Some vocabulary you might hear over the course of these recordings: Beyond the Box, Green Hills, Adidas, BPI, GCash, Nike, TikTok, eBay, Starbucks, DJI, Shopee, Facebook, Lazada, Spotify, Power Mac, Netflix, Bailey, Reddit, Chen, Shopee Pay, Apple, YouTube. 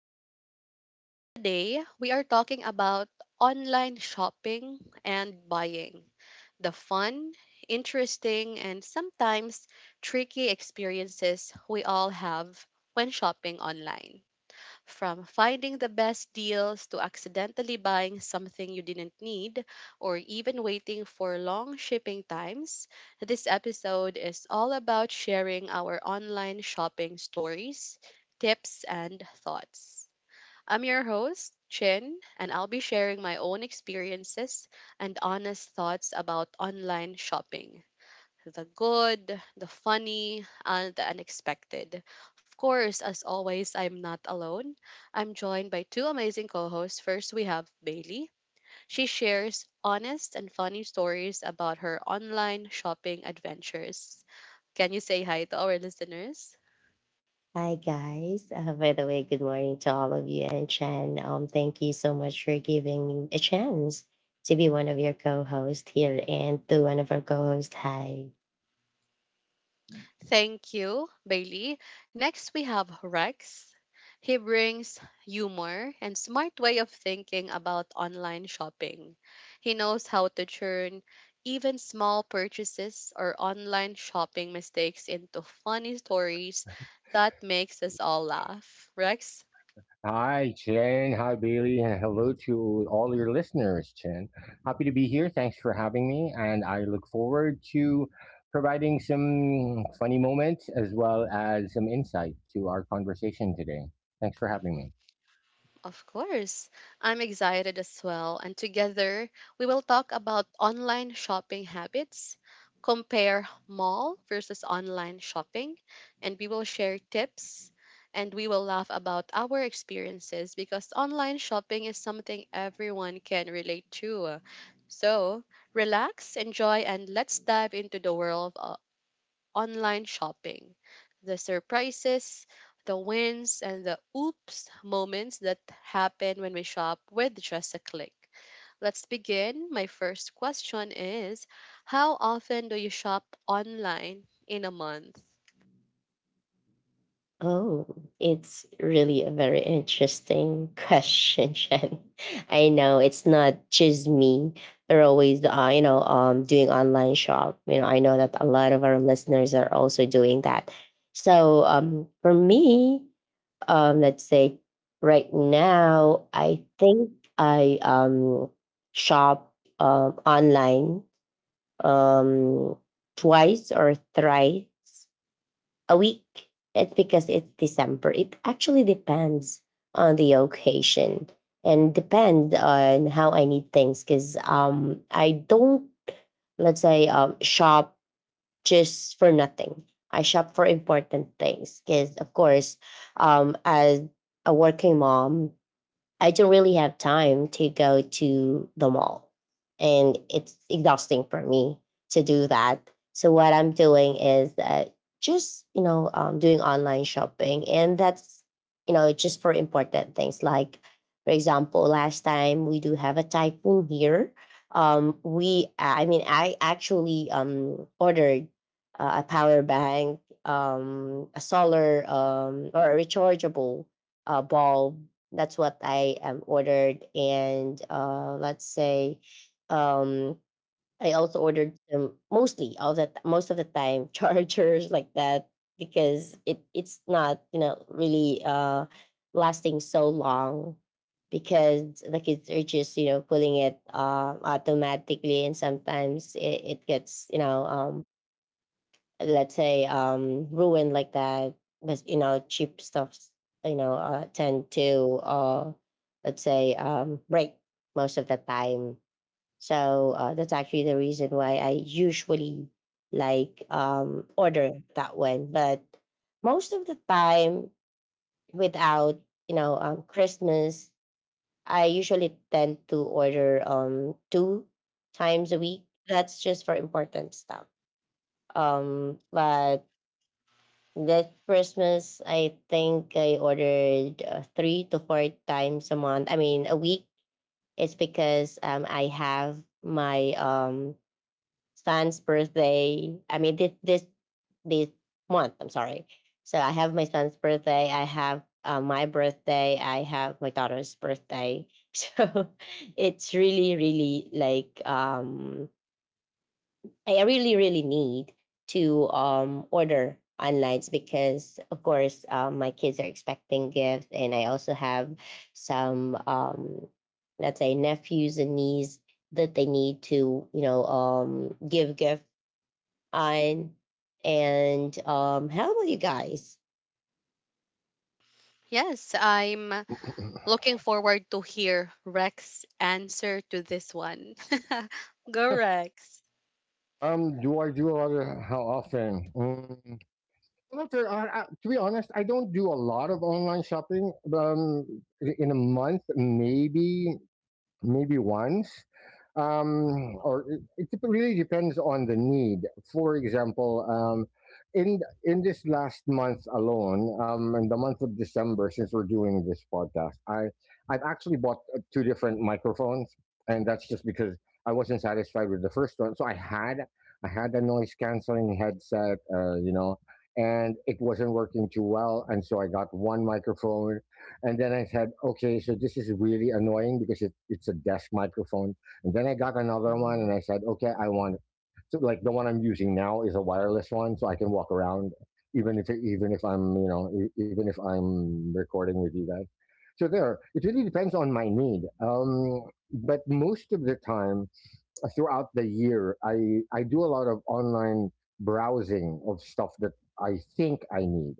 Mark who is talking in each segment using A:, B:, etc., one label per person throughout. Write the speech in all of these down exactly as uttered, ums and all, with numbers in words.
A: podcast. Today, we are talking about online shopping and buying the fun, interesting, and sometimes tricky experiences we all have when shopping online. From finding the best deals to accidentally buying something you didn't need, or even waiting for long shipping times, this episode is all about sharing our online shopping stories, tips, and thoughts. I'm your host, Chin, and I'll be sharing my own experiences and honest thoughts about online shopping, the good, the funny, and the unexpected. Of course, as always, I'm not alone. I'm joined by two amazing co hosts. First, we have Bailey. She shares honest and funny stories about her online shopping adventures. Can you say hi to our listeners?
B: Hi guys. Uh, by the way, good morning to all of you and Chen. Um, thank you so much for giving me a chance to be one of your co-hosts here and to one of our co-hosts. Hi.
A: Thank you, Bailey. Next, we have Rex. He brings humor and smart way of thinking about online shopping. He knows how to turn even small purchases or online shopping mistakes into funny stories that makes us all laugh. Rex,
C: Hi, Chen. Hi, Bailey. And hello to all your listeners, Chen. Happy to be here. Thanks for having me. And I look forward to providing some funny moments as well as some insight to our conversation today. Thanks for having me.
A: of course. I'm excited as well. And together, we will talk about online shopping habits, compare mall versus online shopping, and we will share tips and we will laugh about our experiences because online shopping is something everyone can relate to. So, relax, enjoy, and let's dive into the world online shopping, the surprises, the wins, and the oops moments that happen when we shop with just a click. Let's begin. My first question is: How often do you shop online in a month?
B: Oh, it's really a very interesting question, Chen. I know it's not just me. They're always, uh, you know, um, doing online shop. You know, I know that a lot of our listeners are also doing that. So, um, for me. Um, let's say right now, I think I um, shop um, online um, twice or thrice a week. It's because it's December. It actually depends on the occasion and depend on how I need things because um, I don't let's say um, shop just for nothing. I shop for important things because, of course, um, as a working mom, I don't really have time to go to the mall. And it's exhausting for me to do that. So what I'm doing is that just, you know, um, doing online shopping. And that's, you know, just for important things. Like, for example, last time we do have a typhoon here. Um, we, I mean, I actually um, ordered uh, a power bank, um, a solar um, or a rechargeable uh, bulb. That's what I um, ordered. And uh, let's say um, I also ordered um, mostly all the most of the time chargers like that because it it's not you know really uh, lasting so long because the kids are just you know pulling it uh, automatically, and sometimes it, it gets you know um, let's say um ruin like that. But you know cheap stuffs you know uh, tend to uh let's say um break most of the time. So uh, that's actually the reason why I usually like um order that one. But most of the time, without you know um Christmas, I usually tend to order um two times a week. That's just for important stuff. Um but that Christmas, I think I ordered uh, three to four times a month. I mean, a week. It's because um, I have my um, son's birthday. I mean, this this this month. I'm sorry. So I have my son's birthday. I have uh, my birthday. I have my daughter's birthday. So it's really, really like um, I really, really need to um, order online because, of course, um, my kids are expecting gifts, and I also have some, um, let's say, nephews and nieces that they need to, you know, um, give gift on. And um, how about you guys?
A: Yes, I'm looking forward to hear Rex's answer to this one. Go Rex.
C: Um, do I do a lot of how often? Um, well, there are, uh, to be honest, I don't do a lot of online shopping. Um, in a month, maybe maybe once um, or it, it dep- really depends on the need. For example, um, in in this last month alone, um, in the month of December, since we're doing this podcast, I I've actually bought uh, two different microphones, and that's just because I wasn't satisfied with the first one. So I had I had a noise canceling headset, uh, you know, and it wasn't working too well, and so I got one microphone and then I said, okay, so this is really annoying because it, it's a desk microphone. And then I got another one and
B: hmm
C: I said, okay, I want it. So like the one I'm using now is a wireless one, so I can walk around even if even if I'm you know e- even if I'm recording with you guys. So there, it really depends on my need. Um, but most of the time uh, throughout the year, I I do a lot of online browsing of stuff that I think I need,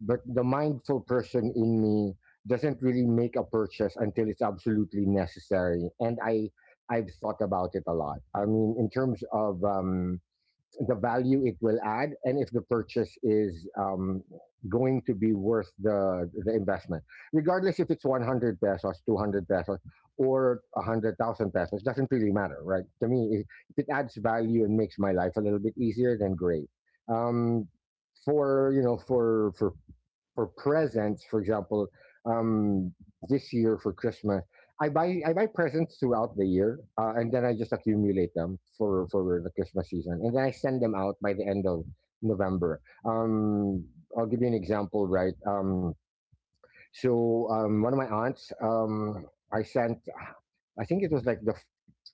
C: but the mindful person in me doesn't really make a purchase until it's absolutely necessary, and i i've thought about it a lot. I mean, in terms of um, the value it will add and if the purchase is um, going to be worth the the investment, regardless if it's one hundred pesos, two hundred pesos, or one hundred thousand pesos. Doesn't really matter, right? To me, if if it adds value and makes my life a little bit easier, then great. Um, for you know for for for presents, for example, um, this year for Christmas, I buy I buy presents throughout the year, uh, and then I just accumulate them for for the Christmas season, and then I send them out by the end of November. Um, I'll give you an example, right? Um, so um, one of my aunts, um, I sent, I think it was like the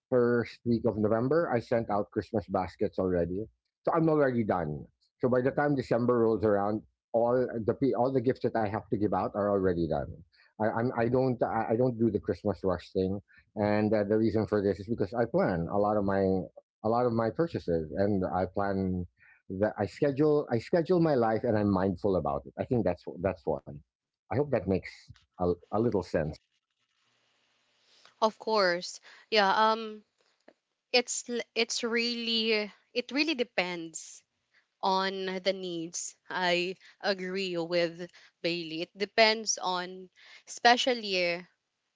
C: first week of November, I sent out Christmas baskets already. So I'm already done. So by the time December rolls around, all the pe- all the gifts that I have to give out are already done. I I'm, I don't I I don't do the Christmas rush thing, and uh, the reason for this is because I plan a lot of my a lot of my purchases, and I plan that I schedule I schedule my life, and I'm mindful about it. I think that's that's one. I hope that makes a, a little sense.
A: Of course. Yeah, um it's l- it's really it really depends on the needs. I agree with Bailey. It depends on, especially, eh,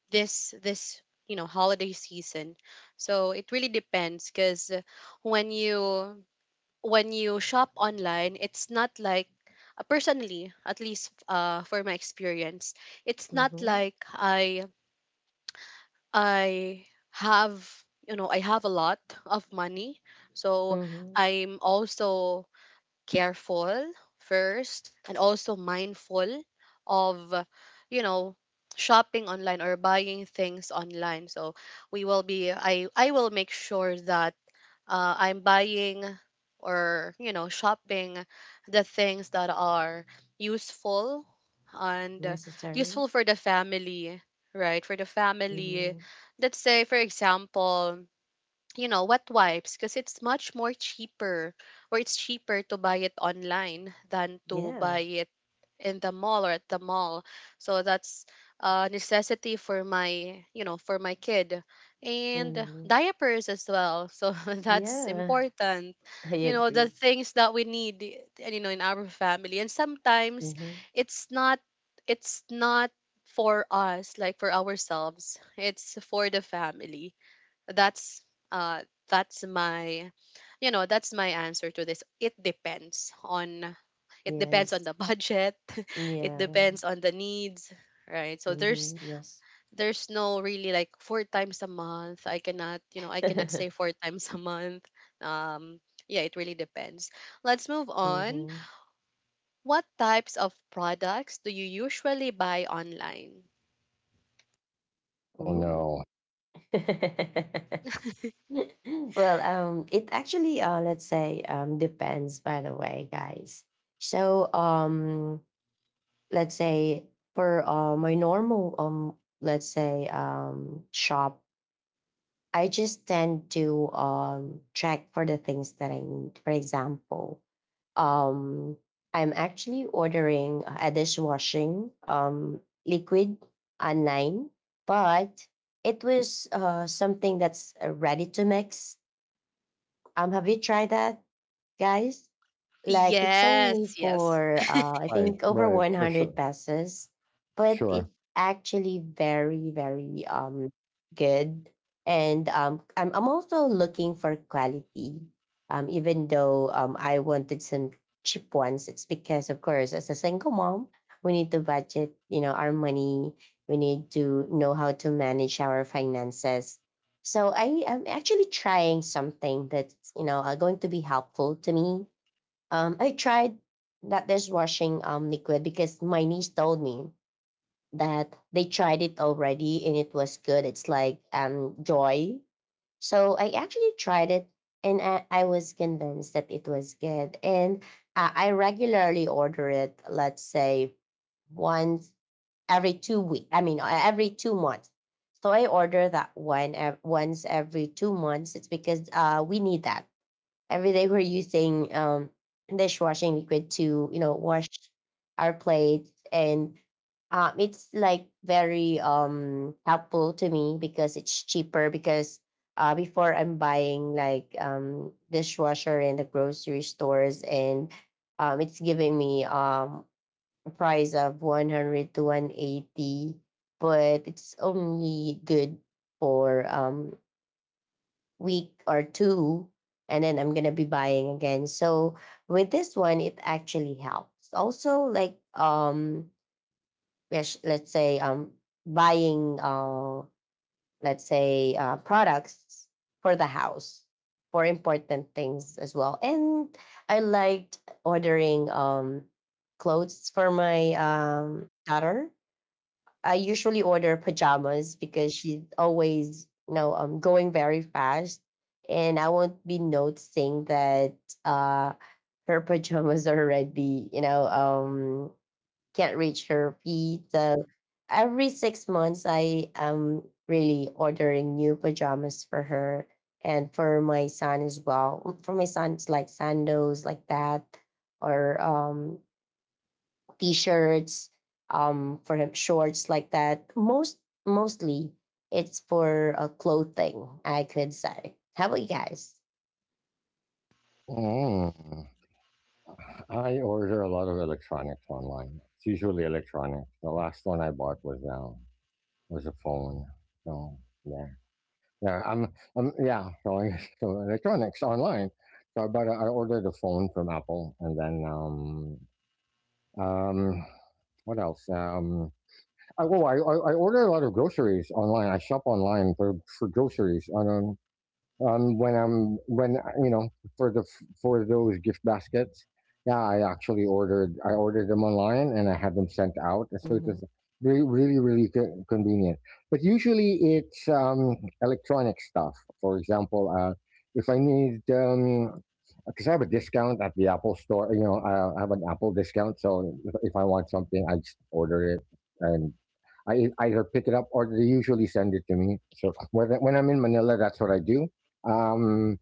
A: this this you know holiday season. So it really depends, because when you when you shop online, it's not like, uh, personally, at least uh, for my experience, it's not
B: hmm
A: like I I have you know I have a lot of money. So
B: hmm
A: I'm also careful first, and also mindful of you know shopping online or buying things online. So we will be I I will make sure that uh, I'm buying, or you know shopping the things that are useful and uh,
B: Necessary.
A: useful for the family, right for the family.
B: hmm
A: Let's say, for example, you know, wet wipes, because it's much more cheaper, or it's cheaper to buy it online than to buy
B: Yeah.
A: it in the mall, or at the mall. So that's a necessity for my, you know, for my kid. And
B: hmm
A: diapers as well. So that's
B: Yeah,
A: important.
B: I
A: You know, the
B: agree.
A: things that we need, you know, in our family. And sometimes
B: hmm
A: it's not it's not for us, like for ourselves. It's for the family. That's uh that's my you know, that's my answer to this. It depends on it depends on
B: Yes.
A: the budget. It
B: Yeah.
A: depends on the needs, right? So there's
B: Mhm, yes.
A: there's no really like four times a month. I cannot, you know, I cannot say four times a month. Um yeah, it really depends. Let's move on.
B: Mhm.
A: What types of products do you usually buy online?
C: Oh
B: Ooh.
C: no!
B: well, um, it actually, uh, let's say, um, depends. By the way, guys. So, um, let's say for uh, my normal, um, let's say, um, shop, I just tend to um check for the things that I need. For example, Um, I'm actually ordering a dishwashing um, liquid online, but it was uh, something that's uh, ready to mix. Um, have you tried that, guys? Like it's
A: Yes,
B: only
A: yes.
B: for uh, I
C: Right,
B: think over
C: right,
B: one
C: for
B: hundred
C: sure,
B: pesos, but
C: sure.
B: it's actually very very um good. And um, I'm I'm also looking for quality. Um, even though um I wanted some cheap ones, it's because of course as a single mom we need to budget. You know our money. We need to know how to manage our finances, so I am actually trying something that's you know uh, going to be helpful to me. Um, I tried that dishwashing um liquid because my niece told me that they tried it already and it was good. It's like um joy. So I actually tried it and I, I was convinced that it was good. And uh, I regularly order it. Let's say once every two week. I mean, uh, every two months. So I order that one ev- once every two months. It's because uh, we need that every day. We're using um, dishwashing liquid to you know wash our plates, and um, it's like very um helpful to me because it's cheaper. Because uh, before I'm buying like um dishwasher in the grocery stores, and um, it's giving me um price of one hundred to one eighty, but it's only good for um week or two, and then I'm gonna be buying again. So with this one, it actually helps also like um yes, let's say um buying uh let's say uh products for the house, for important things as well. And I liked ordering um clothes for my um daughter. I usually order pajamas because she's always, you know, um, going very fast, and I won't be noticing that uh, her pajamas are already, you know, um, can't reach her feet. So every six months, I am really ordering new pajamas for her and for my son as well. For my son, it's like sandals like that, or um, t-shirts, um, for him shorts like that. Most mostly it's for uh, clothing, I could say. How about you guys?
C: Mm. I order a lot of electronics online. It's usually electronics. The last one I bought was now was a phone. So yeah, yeah. I'm, I'm yeah. So, I, so electronics online. So I bought. A, I ordered a phone from Apple, and then um um what else? Um, I, well, I, I I order a lot of groceries online. I shop online for, for groceries on um, um, when I'm when uh, you know for the for those gift baskets. Yeah, I actually ordered I ordered them online and I had them sent out, so it
B: hmm
C: was really, really, really co- convenient. But usually it's um, electronic stuff. For example, uh, if I need um, because I have a discount at the Apple store. you know, I I have an Apple discount, so if, if I want something, I just order it and I either pick it up or they usually send it to me. So when, when I'm in Manila, that's what I do. Um,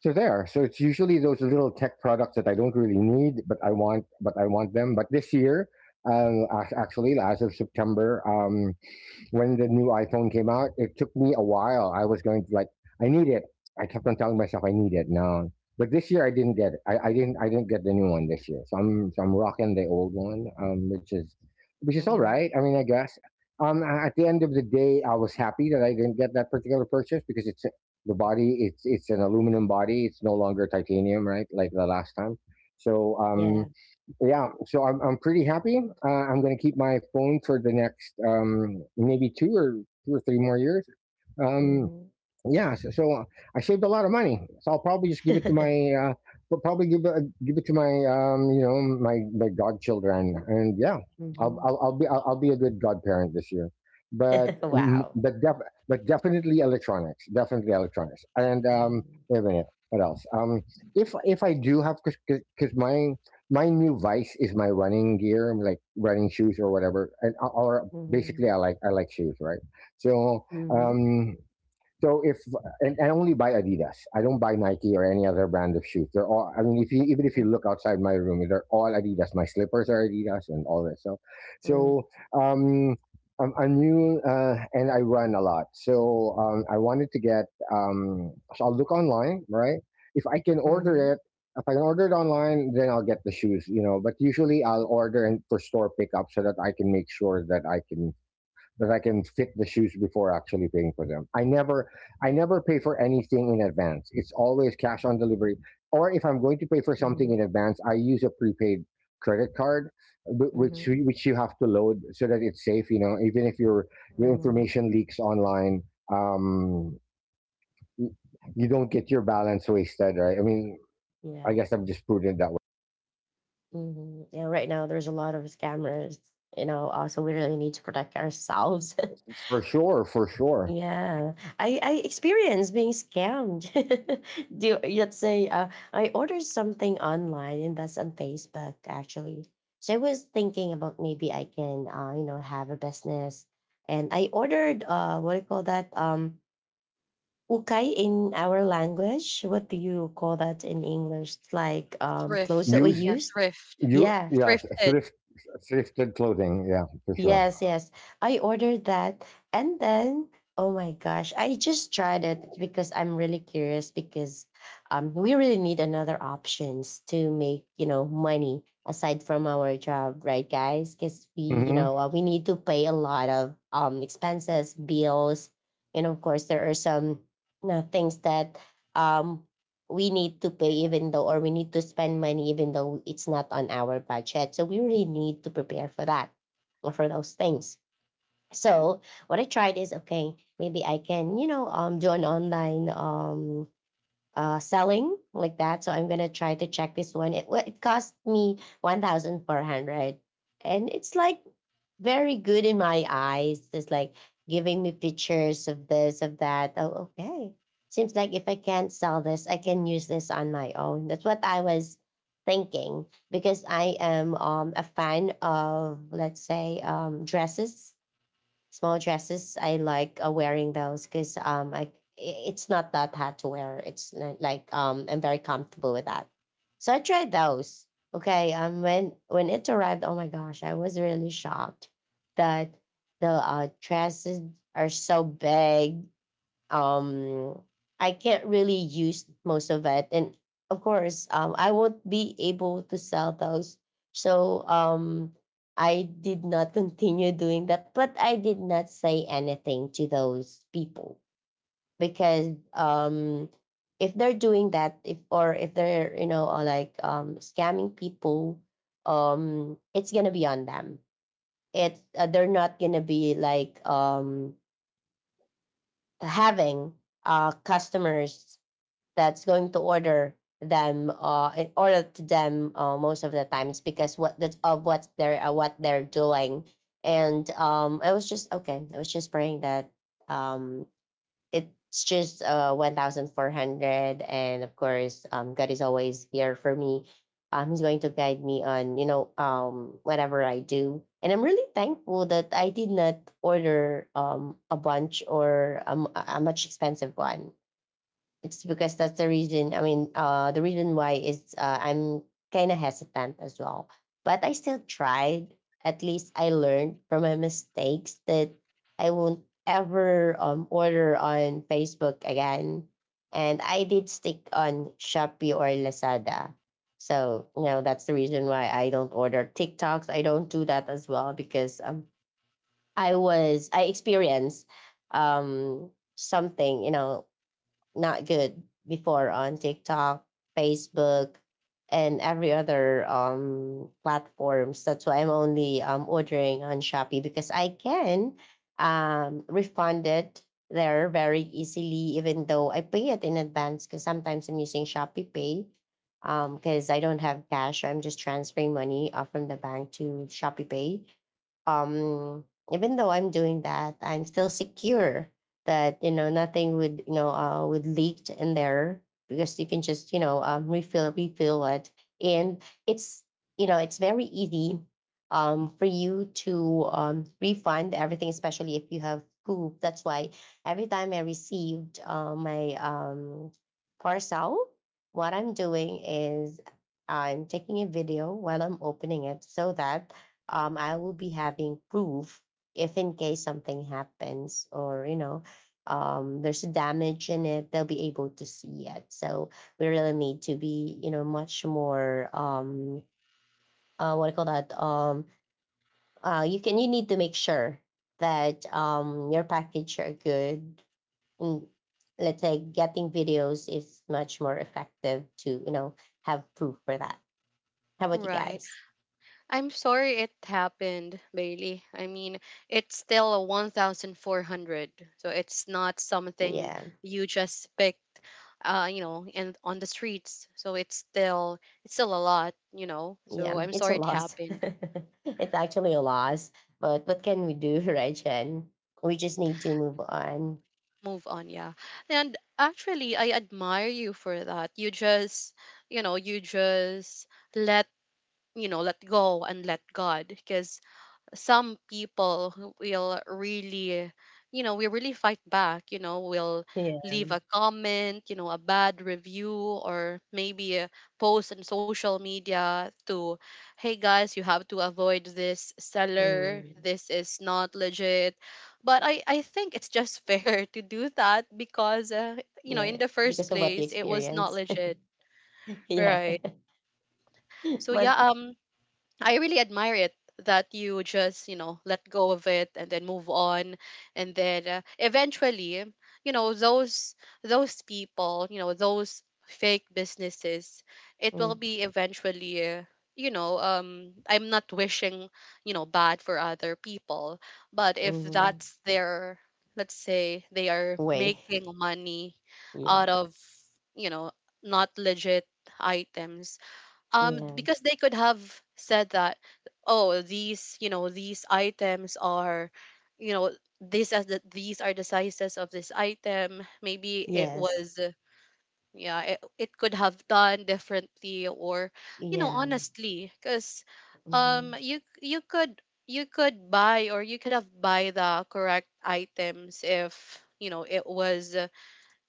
C: so there. So it's usually those little tech products that I don't really need, but I want, but I want them. But this year, um, ac- actually, as of September, um, when the new iPhone came out, it took me a while. I was going to like, I need it. I kept on telling myself I need it. No, but this year I didn't get it. I, I didn't. I didn't get the new one this year. So I'm so I'm rocking the old one, um, which is which is all
B: hmm
C: right. I mean, I guess. Um, a- at the end of the day, I was happy that I didn't get that particular purchase because it's the body. It's it's an aluminum body. It's no longer titanium, right? Like the last time. So um,
B: Yeah.
C: yeah, so I'm I'm pretty happy. Uh, I'm going to keep my phone for the next um, maybe two or two or three more years. Um,
B: hmm
C: yeah, so, so uh, I saved a lot of money. So I'll probably just give it to my, uh, pro- probably give it, give it to my, um, you know, my my godchildren, and yeah, I'll
B: hmm
C: I'll, I'll be I'll, I'll be a good godparent this year. But mm,
B: wow.
C: but def- but definitely electronics, definitely electronics. And um,
B: Mm-hmm.
C: wait a minute, what else? Um, if if I do have, because my my new vice is my running gear, like running shoes or whatever, and or basically
B: Mm-hmm.
C: I like I like shoes, right? So
B: Mm-hmm.
C: um so if and, and only buy Adidas. I don't buy Nike or any other brand of shoes. They're all. I mean, if you even if you look outside my room, they're all Adidas. My slippers are Adidas and all that stuff. So
B: Mm-hmm.
C: um, I'm, I'm new uh, and I run a lot. So um, I wanted to get. Um, so I'll look online, right? If I can order
B: Mm-hmm.
C: it, if I can order it online, then I'll get the shoes. You know, but usually I'll order and for store pickup so that I can make sure that I can that I can fit the shoes before actually paying for them. I never I never pay for anything in advance. It's always cash on delivery. Or if I'm going to pay for something
B: Mm-hmm.
C: in advance, I use a prepaid credit card, which
B: Mm-hmm.
C: which you have to load so that it's safe, you know, even if your your information leaks online, um you don't get your balance wasted, right? I mean, I
B: Yeah.
C: guess I'm just prudent that way.
B: Mm-hmm. Yeah. Right now, there's a lot of scammers. You know, also we really need to protect ourselves.
C: For sure, for sure.
B: Yeah, I I experienced being scammed. Do Let's say uh, I ordered something online, and that's on Facebook actually. So I was thinking about maybe I can uh, you know have a business, and I ordered uh what do you call that um ukay in our language. What do you call that in English? It's like um
A: Thrift.
B: clothes that we
C: Use
A: Yeah,
B: use.
A: thrift.
C: you
B: Yeah.
C: yeah,
A: Thrifted.
C: thrift thrifted clothing, yeah, for sure.
B: Yes, yes. I ordered that. And then, oh my gosh, I just tried it because I'm really curious because um, we really need another options to make, you know, money aside from our job, right, guys? Because we, you
C: Mhm.
B: know, uh, we need to pay a lot of um, expenses, bills. And of course, there are some you know, things that um, we need to pay even though, or we need to spend money even though it's not on our budget. So we really need to prepare for that, for those things. So what I tried is okay, maybe I can you know um do an online um uh, selling like that. So I'm gonna try to check this one. It wa- it cost me one thousand four hundred, and it's like very good in my eyes. It's like giving me pictures of this of that. Oh, okay. Seems like if I can't sell this, I can use this on my own. That's what I was thinking because I am um, a fan of let's say um, dresses small dresses. I like uh, wearing those because um, I i- it's not that hard to wear. It's li- like um, I'm very comfortable with that. So I tried those. Okay, um, when when it arrived, oh my gosh, I was really shocked that the uh, dresses are so big. um I can't really use most of it. And of course, um, I won't be able to sell those. So um I did not continue doing that, but I did not say anything to those people because um if they're doing that, if or if they're you know uh, like um scamming people, um it's gonna be on them. It's uh, They're not gonna be like um having uh customers that's going to order them uh in order to them uh, most of the times because what that's of what they're uh, what they're doing. And um I was just okay, I was just praying that um it's just uh one thousand four hundred. And of course um god is always here for me. Um he's going to guide me on you know um whatever I do, and I'm really thankful that I did not order um a bunch or um, a a much expensive one. It's because that's the reason. I mean, uh, the reason why is uh, I'm kind of hesitant as well. But I still tried. At least I learned from my mistakes that I won't ever um, order on Facebook again. And I did stick on Shopee or Lazada. So, you know, that's the reason why I don't order TikToks. I don't do that as well because um, I was, I experienced um, something, you know, not good before on TikTok, Facebook, and every other um, platforms. That's why I'm only um, ordering on Shopee because I can um, refund it there very easily, even though I pay it in advance because sometimes I'm using Shopee Pay because I don't have cash. So I'm just transferring money uh, from the bank to Shopee Pay. um Even though I'm doing that, I'm still secure that you know nothing would you know uh, would leak in there, because you can just you know um, refill refill it. And it's, you know it's very easy um, for you to um, refund everything, especially if you have poop. That's why every time I received uh, my um, parcel, what I'm doing is I'm taking a video while I'm opening it, so that um, I will be having proof if in case something happens, or you know um, there's a damage in it, they'll be able to see it. So we really need to be, you know much more, um, uh, what do you call that, um, uh, you can you need to make sure that um, your package are good. Mm. Let's say getting videos is much more effective to, you know have proof for that. How about you
A: Right.
B: guys?
A: I'm sorry it happened, Bailey. I mean, it's still a one thousand four hundred. So it's not something
B: Yeah.
A: you just picked, uh, you know, and on the streets. So it's still it's still a lot, you know. So
B: Yeah,
A: I'm
B: it's a
A: sorry it
B: loss.
A: happened.
B: It's actually a loss. But what can we do, right, Jen? We just need to move on.
A: Move on, yeah. And actually, I admire you for that. You just, you know, you just let, you know, let go and let God, because some people who will really you know we really fight back, you know will
B: Yeah.
A: leave a comment, you know a bad review, or maybe a post on social media to: hey guys, you have to avoid this seller,
B: Mm,
A: this is not legit. But i i think it's just fair to do that, because uh, you know in
B: yeah.
A: the first
B: Because of what you
A: place, it was not
B: experience.
A: legit,
B: Yeah.
A: right? So, yeah.
B: But
A: um. I really admire it that you just, you know, let go of it and then move on, and then uh, eventually, you know, those those people, you know, those fake businesses, it will
B: mm.
A: be eventually uh, you know, um I'm not wishing, you know, bad for other people, but if
B: Hmm.
A: that's their, let's say, they are
B: Way.
A: making money out
B: Yeah.
A: of, you know, not legit items, um
B: Yeah.
A: because they could have said that, oh, these you know these items are, you know this as the, these are the sizes of this item. Maybe it
B: Yes.
A: was, uh, yeah, it, it could have done differently, or, you know
B: Yeah.
A: honestly, because um
B: Mm-hmm.
A: you you could you could buy, or you could have buy the correct items, if you know it was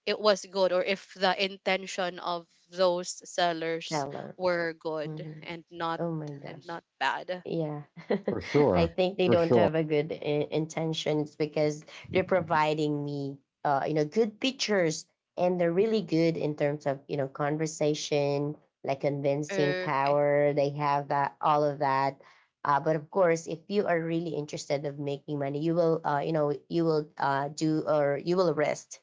A: it was good, or if the intention of those sellers
B: Stellar.
A: were good,
B: Hmm.
A: and not
B: Oh my
A: and
B: gosh.
A: not bad.
B: Yeah,
C: For
B: I
C: sure,
B: think they
C: for
B: don't
C: sure.
B: have a good I- intentions, because they're providing me, uh, you know, good pictures, and they're really good in terms of, you know conversation, like convincing
A: Okay.
B: power. They have that, all of that. Uh, but of course, if you are really interested of making money, you will, uh, you know, you will uh, do, or you will risk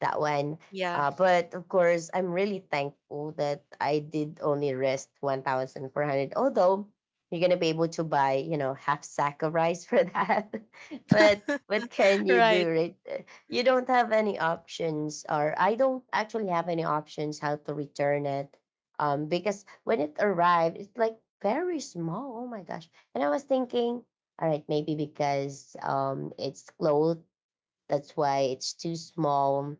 B: that one.
A: Yeah.
B: Uh, but of course, I'm really thankful that I did only rest one thousand four hundred. Although you're gonna be able to buy, you know, half sack of rice for that. But what can you
A: Right.
B: do, right? You don't have any options, or I don't actually have any options how to return it. Um, because when it arrived, it's like very small. Oh my gosh! And I was thinking, all right, maybe because um, it's clothes, that's why it's too small.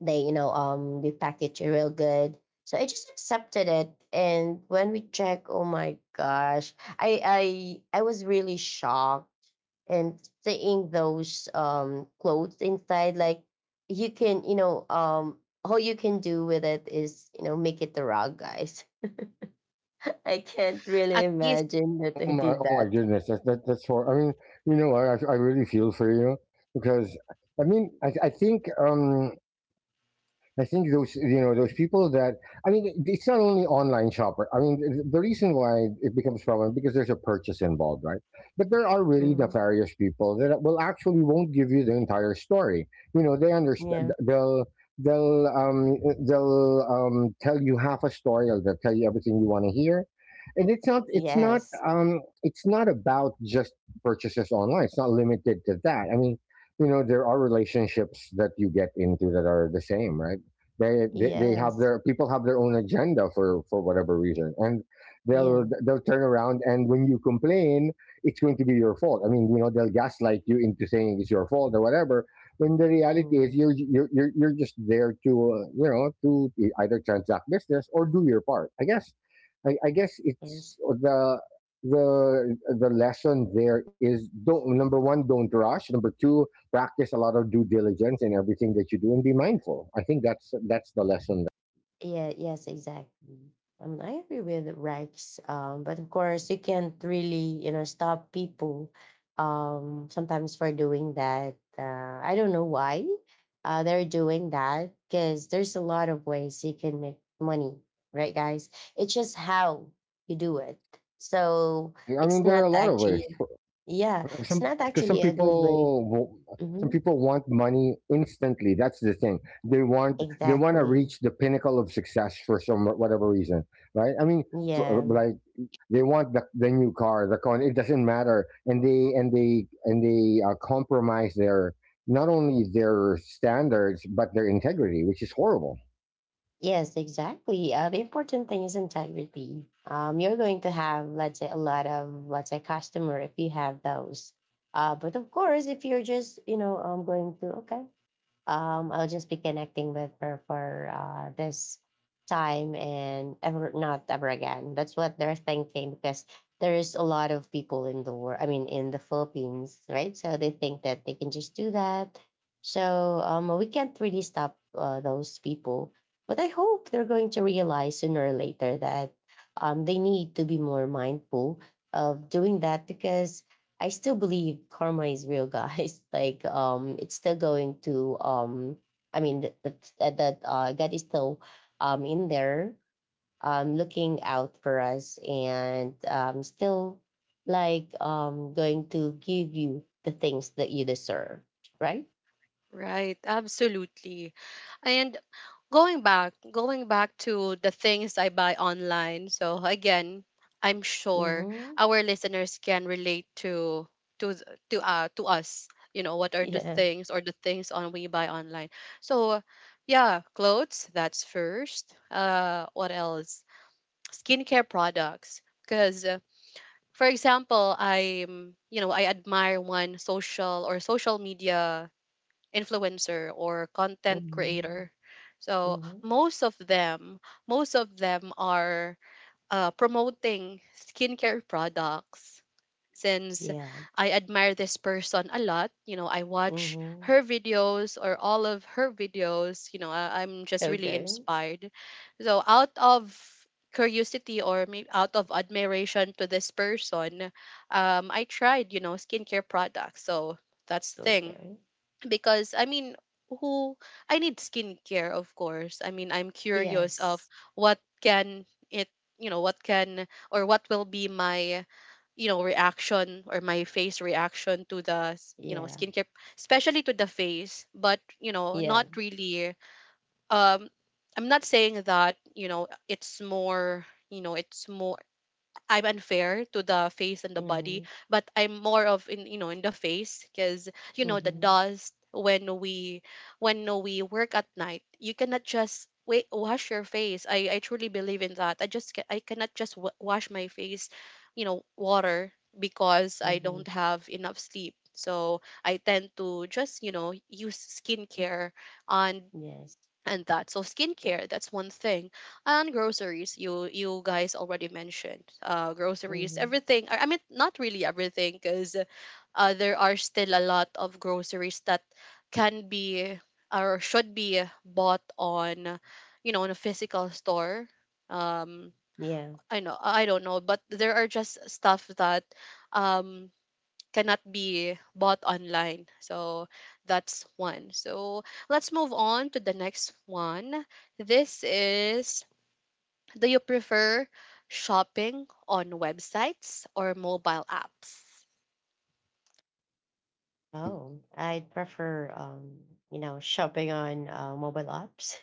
B: They, you know um they package it real good, so I just accepted it. And when we check, oh my gosh, i i i was really shocked, and seeing those um clothes inside. Like, you can you know um all you can do with it is, you know make it the rug, guys. I can't really
A: At least
B: imagine that I
C: Oh my,
B: did
C: oh my
B: that.
C: goodness, that, that that's hor I mean, you know, I I I really feel for you because I mean, I I think um I think those, you know, those people that I mean it- it's not only online shopper. I mean th- the reason why it becomes problem because there's a purchase involved, right? But there are really
B: Mhm.
C: nefarious people that will actually won't give you the entire story. You know they understand
B: Yeah.
C: they'll they'll um they'll um tell you half a story, or they'll tell you everything you want to hear. And it's not it's not
B: Yes.
C: um it's not about just purchases online. It's not limited to that. I mean, you know, there are relationships that you get into that are the same, right? They, they they have
B: Yes.
C: their people have their own agenda for for whatever reason, and they'll
B: Yeah.
C: they'll turn around, and when you complain it's going to be your fault. I mean, you know, they'll gaslight you into saying it's your fault or whatever, when the reality is
B: Mm.
C: you're you're you're, you're just there to uh, you know, to either transact business or do your part. i guess i, I guess
B: Yes.
C: it's the the the lesson there is, don't, number one, don't rush. Number two, practice a lot of due diligence in everything that you do and be mindful. I think that's that's the lesson.
B: Yeah, yes, exactly. Um, I agree with Rex. Um, but of course, you can't really, you know, stop people, um, sometimes for doing that. Uh, I don't know why uh, they're doing that, because there's a lot of ways you can make money, right, guys? It's just how you do it. So
C: I
B: it's
C: mean, there are
B: not
C: a lot of
B: actually,
C: ways.
B: yeah, it's
C: Some
B: not
C: Because some
B: actually a good way.
C: people some
B: Hmm.
C: people want money instantly. That's the thing. They want they want to
B: Exactly.
C: reach the pinnacle of success for some whatever reason, right? I mean, for,
B: Yeah.
C: like they want the, the new car, the con. It doesn't matter, and they and they and they uh, compromise their not only their standards but their integrity, which is horrible.
B: Yes, exactly. Uh, the important thing is integrity. Um, you're going to have, let's say, a lot of, let's say, customer if you have those. Uh, but of course, if you're just, you know, I'm going to, okay, um, I'll just be connecting with her for uh, this time and ever not ever again. That's what they're thinking, because there is a lot of people in the world. I mean, in the Philippines, right? So they think that they can just do that. So um, we can't really stop uh, those people. But I hope they're going to realize sooner or later that um, they need to be more mindful of doing that, because I still believe karma is real, guys. Like, um, it's still going to, um, I mean, that that that that, uh, God is still, um, in there, um, looking out for us, and um, still, like, um, going to give you the things that you deserve, right?
A: Right, absolutely. And going back, going back to the things I buy online. So again, I'm sure
B: Mm-hmm.
A: our listeners can relate to to th- to uh to us. You know what are the
B: Yeah.
A: things or the things on we buy online. So yeah, clothes, that's first. Uh what else? Skincare products, because uh, for example, I'm you know, I admire one social, or social media influencer or content
B: Mm-hmm.
A: creator. So
B: Mm-hmm.
A: most of them, most of them are uh, promoting skincare products. Since
B: Yeah.
A: I admire this person a lot, you know, I watch
B: Mm-hmm.
A: her videos, or all of her videos. You know, I, I'm just really
B: Okay.
A: inspired. So out of curiosity, or maybe out of admiration to this person, um, I tried, you know, skincare products. So that's thing,
B: Okay.
A: because I mean, who I need skincare, of course. I mean, I'm curious of
B: Yes.
A: what can it, you know, what can, or what will be my, you know, reaction, or my face reaction to the, s- you know,
B: Yeah.
A: skincare, especially to the face. But you know,
B: Yeah.
A: not really. Um, I'm not saying that you know it's more. You know, it's more. I'm unfair to the face and the
B: Mm-hmm.
A: body, but I'm more of in, you know in the face, because you know the
B: Mm-hmm.
A: dust. When we when we work at night, you cannot just wait wash your face. I I truly believe in that. I just ca- I cannot just wa wash my face, you know, water, because I
B: Mm-hmm.
A: don't have enough sleep. So I tend to just you know use skincare, and
B: Yes.
A: and that, so skincare, that's one thing. And groceries, you you guys already mentioned uh groceries.
B: Hmm.
A: Everything, i I mean, not really everything, because uh there are still a lot of groceries that can be, or should be bought on, you know in a physical store. um
B: Yeah.
A: I know, I don't know, but there are just stuff that um cannot be bought online. So that's one. So let's move on to the next one. This is, do you prefer shopping on websites or mobile apps?
B: Oh, I prefer, um, you know, shopping on uh, mobile apps,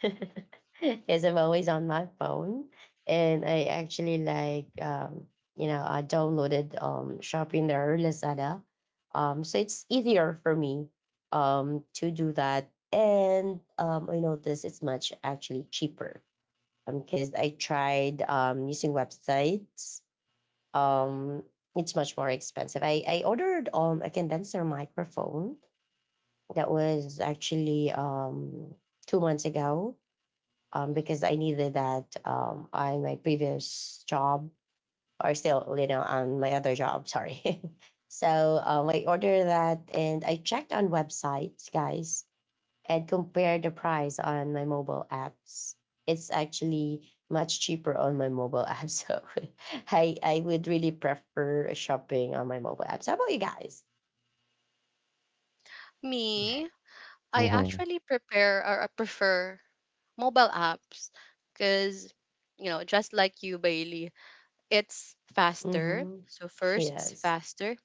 B: because I'm always on my phone, and I actually like, um, you know, I downloaded um shopping there Lazada, um, so it's easier for me um, to do that. And um, I notice it's much actually cheaper, um, because I tried um using websites. um it's much more expensive. I i ordered um a condenser microphone, that was actually um two months ago, um because I needed that um on my previous job, or still, you know on my other job, sorry. So um I ordered that, and I checked on websites, guys, and compare the price on my mobile apps. It's actually much cheaper on my mobile app. So I, I would really prefer shopping on my mobile apps. How about you guys?
A: Me, I
C: Mhm.
A: actually prepare, or I prefer mobile apps, because, you know, just like you, Bailey, it's faster.
B: Mm-hmm.
A: So first, it's
B: Yes.
A: faster,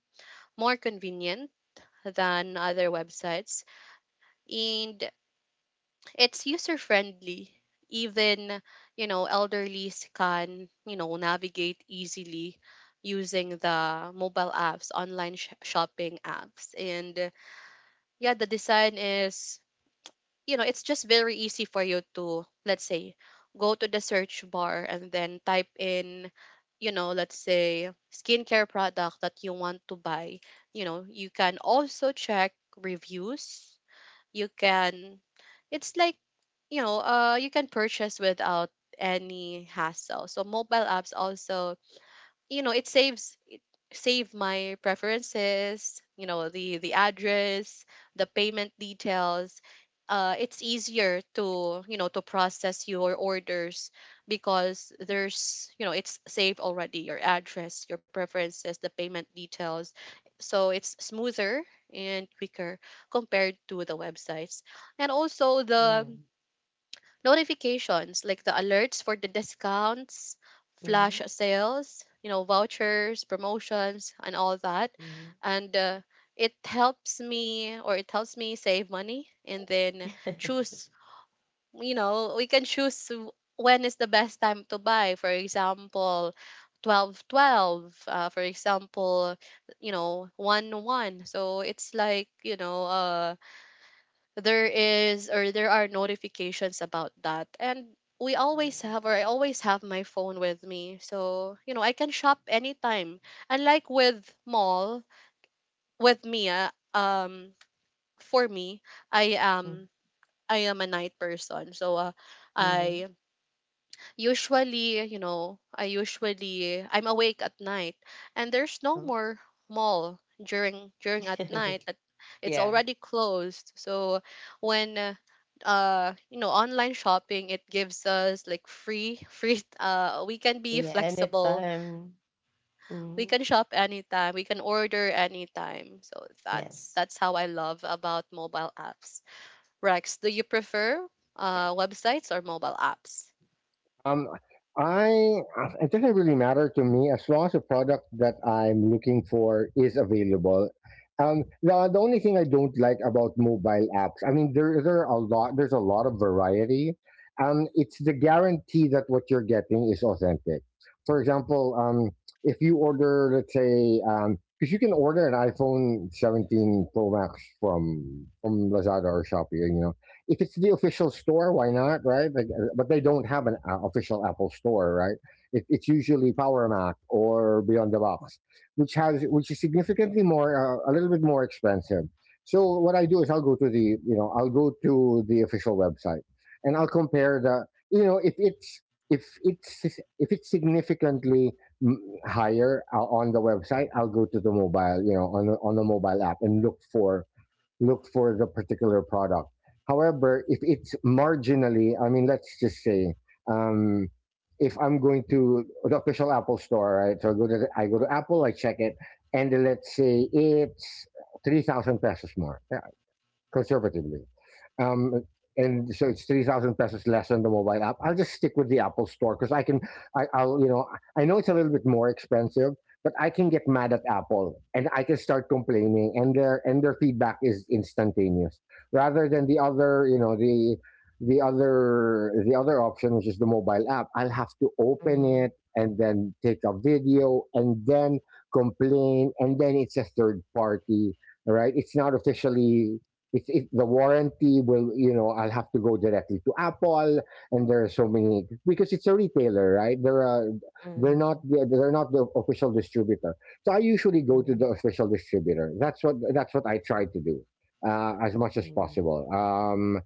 A: more convenient than other websites, and it's user friendly. Even, you know, elderly can, you know, navigate easily using the mobile apps, online sh- shopping apps. And yeah, the design is, you know, it's just very easy for you to, let's say, go to the search bar and then type in, you know, let's say, skincare product that you want to buy. you know, you can also check reviews. You can, it's like you know, uh, you can purchase without any hassle. So mobile apps also, you know, it saves it save my preferences, you know, the the address, the payment details. Uh, it's easier to you know to process your orders, because there's you know it's saved already your address, your preferences, the payment details. So it's smoother and quicker compared to the websites. And also the
B: Yeah.
A: notifications, like the alerts for the discounts,
B: Mm-hmm.
A: flash sales, you know, vouchers, promotions, and all that.
B: Mm-hmm.
A: And uh, it helps me or it helps me save money, and then choose, you know, we can choose w- when is the best time to buy. For example, twelve twelve. Uh, for example, you know one one, so it's like, you know uh there is, or there are notifications about that. And we always have, or I always have my phone with me, so you know I can shop anytime, unlike with mall with me uh, um for me. I am I am a night person. So uh,
B: Mm-hmm.
A: I usually you know I usually I'm awake at night, and there's no
B: Oh.
A: more mall during during at night at, it's
B: Yeah.
A: already closed. So when uh uh, you know online shopping, it gives us like free free uh we can be
B: Yeah.
A: flexible,
B: Anytime.
A: we
B: Mm-hmm.
A: can shop anytime, we can order anytime. So that's
B: Yes.
A: that's how I love about mobile apps. Rex, do you prefer uh websites or mobile apps?
C: Um, I uh, it doesn't really matter to me as long as the product that I'm looking for is available. Um, the, the only thing I don't like about mobile apps, I mean, there there are a lot. There's a lot of variety. Um, it's the guarantee that what you're getting is authentic. For example, um, if you order, let's say, um, because you can order an iPhone seventeen Pro Max from from Lazada or Shopee, you know, if it's the official store, why not, right? Like, uh, but they don't have an uh, official Apple store, right? It, it's usually Power Mac or Beyond the Box, which has which is significantly more, uh, a little bit more expensive. So what I do is I'll go to the, you know, I'll go to the official website, and I'll compare the, you know, if it's if it's if it's significantly mm, higher uh, on the website. I'll go to the mobile, you know, on the, on the mobile app and look for look for the particular product. However, if it's marginally, I mean, let's just say, um, if I'm going to the official Apple store, right? So I go to the, I go to Apple, I check it, and then let's say it's three thousand pesos more. Yeah, conservatively. Um, and so it's three thousand pesos less on the mobile app. I'll just stick with the Apple Store because I can. I, I'll you know I know it's a little bit more expensive, but I can get mad at Apple and I can start complaining, and their and their feedback is instantaneous, rather than the other you know the the other the other option, which is the mobile app. I'll have to open
B: Mm-hmm.
C: it and then take a video and then complain, and then it's a third party. All right? It's not officially, it's it, the warranty, will you know I'll have to go directly to Apple, and there are so many, because it's a retailer, right? They're uh, they're not
B: Mm-hmm.
C: the- they're not the official distributor. So I usually go to
B: Mm-hmm.
C: the official distributor. That's what that's what I try to do, uh, as much as possible, um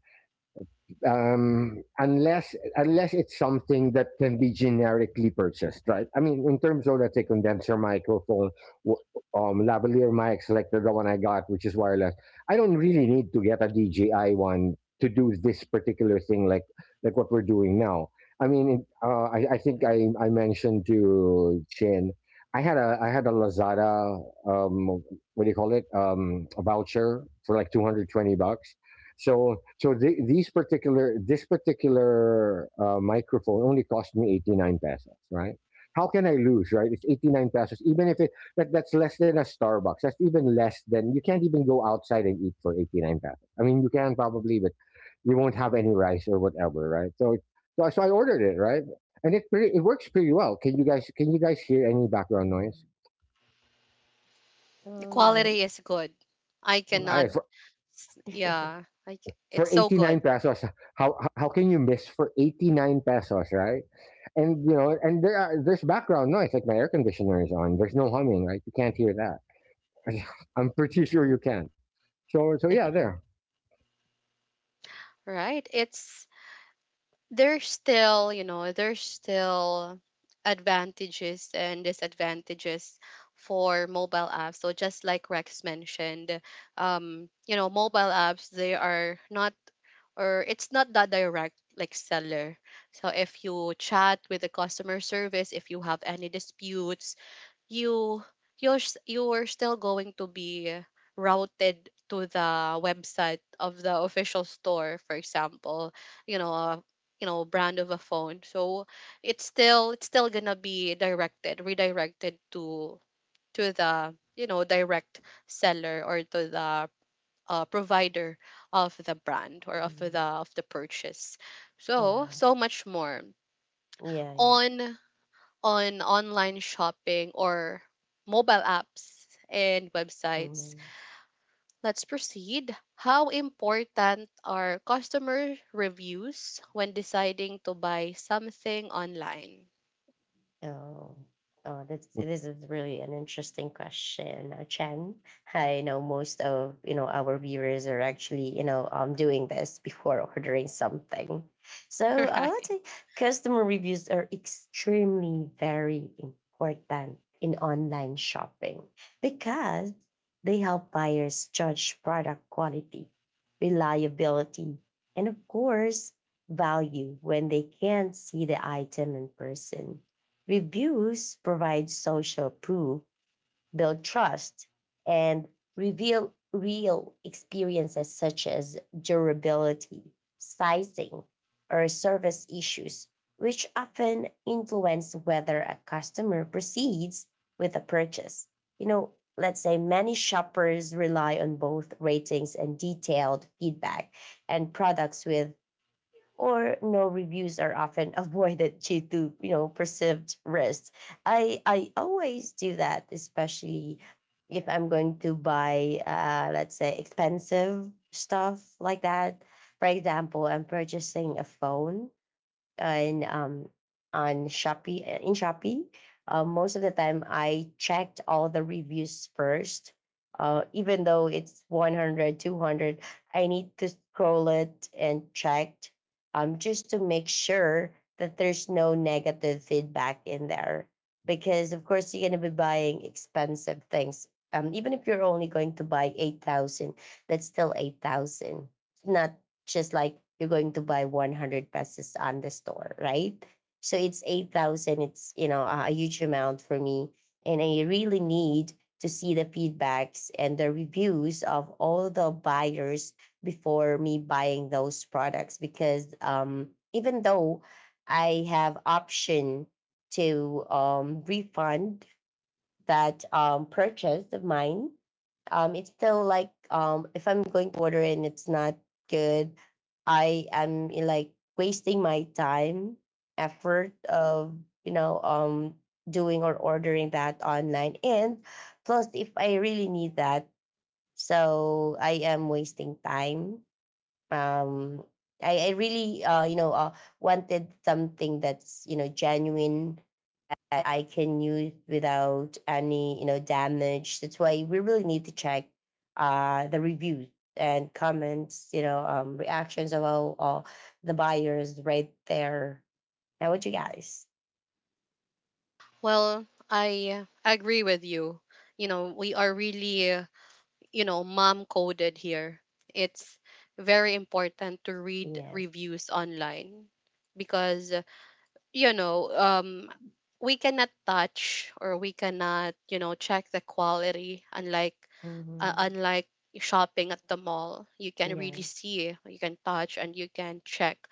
C: um, unless unless it's something that can be generically purchased, right? I mean, in terms of, let's say, condenser microphone, w- um, lavalier mics, like the one I got, which is wireless. I don't really need to get a D J I one to do this particular thing, like like what we're doing now. I mean, uh, I, I think I, I mentioned to Chin, I had a I had a Lazada, um, what do you call it, um, a voucher for like two hundred twenty bucks. So so the, these particular this particular uh, microphone only cost me eighty-nine pesos, right? How can I lose, right? It's eighty-nine pesos. Even if it that, that's less than a Starbucks. That's even less than, you can't even go outside and eat for eighty-nine pesos. I mean, you can probably, but you won't have any rice or whatever, right? So it- so, so I ordered it, right? And it pretty, it works pretty well. Can you guys can you guys hear any background noise?
B: Mm-hmm.
A: The
B: Um, no.
A: quality is good. I cannot,
C: I
B: Mm-hmm.
A: s- Yeah, I, c-
C: For
A: it's so good,
C: eighty-nine pesos, how how can you miss for eighty-nine pesos, right? And you know and there are, there's background noise. Like, my air conditioner is on, there's no humming, right? You can't hear that. I'm pretty sure you can't. So so yeah, there.
A: right? It's, there's still, you know, there's still advantages and disadvantages for mobile apps. So just like Rex mentioned, um, you know, mobile apps, they are not, or it's not that direct like seller. So if you chat with the customer service, if you have any disputes, you you're s- you're still going to be routed to the website of the official store, for example, you know, a you know brand of a phone. So it's still it's still gonna be directed redirected to to the, you know, direct seller or to the uh, provider of the brand or of the
B: Mm-hmm.
A: of the purchase. So
B: Yeah,
A: so much more
B: yeah, yeah.
A: on on online shopping or mobile apps and websites.
B: Mhm.
A: Let's proceed. How important are customer reviews when deciding to buy something online?
B: Oh, oh, that's this is really an interesting question, uh, Chen. I know most of you know our viewers are actually, you know um doing this before ordering something. So uh, let's
A: Right.
B: say customer reviews are extremely very important in online shopping, because they help buyers judge product quality, reliability, and of course value when they can't see the item in person. Reviews provide social proof, build trust, and reveal real experiences such as durability, sizing, or service issues, which often influence whether a customer proceeds with a purchase. You know, let's say many shoppers rely on both ratings and detailed feedback, and products with or no reviews are often avoided due to, you know perceived risks. I I always do that, especially if I'm going to buy uh, let's say expensive stuff like that. For example, I'm purchasing a phone and, um, on Shopee, uh, in Shopee. Uh, most of the time, I checked all the reviews first. Uh, even though it's one hundred, two hundred, I need to scroll it and check, um, just to make sure that there's no negative feedback in there. Because, of course, you're going to be buying expensive things. Um, even if you're only going to buy eight thousand, that's still eight thousand. It's not just like you're going to buy one hundred pesos on the store, right? So it's eight thousand. It's, you know, a a huge amount for me. And I really need to see the feedbacks and the reviews of all the buyers before me buying those products, because um, even though I have option to um, refund that um, purchase of mine, um it's still like, um if I'm going to order and it's not good, I am, eh, like, wasting my time, effort of, you know um doing or ordering that online, and plus if I really need that, so I am wasting time. um i, I really, uh you know uh, wanted something that's, you know genuine, that I can use without any, you know damage. That's why we really need to check uh, the reviews and comments, you know, um, reactions of all, all the buyers right there. Now, what you guys?
A: Well, I agree with you. You know, we are really, uh, you know, mom coded here. It's very important to read
B: Yes.
A: reviews online because you know, um, we cannot touch or we cannot, you know, check the quality. Unlike uh,
B: Mm-hmm.
A: unlike shopping at the mall, you can
B: Yeah.
A: really see, you can touch, and you can check.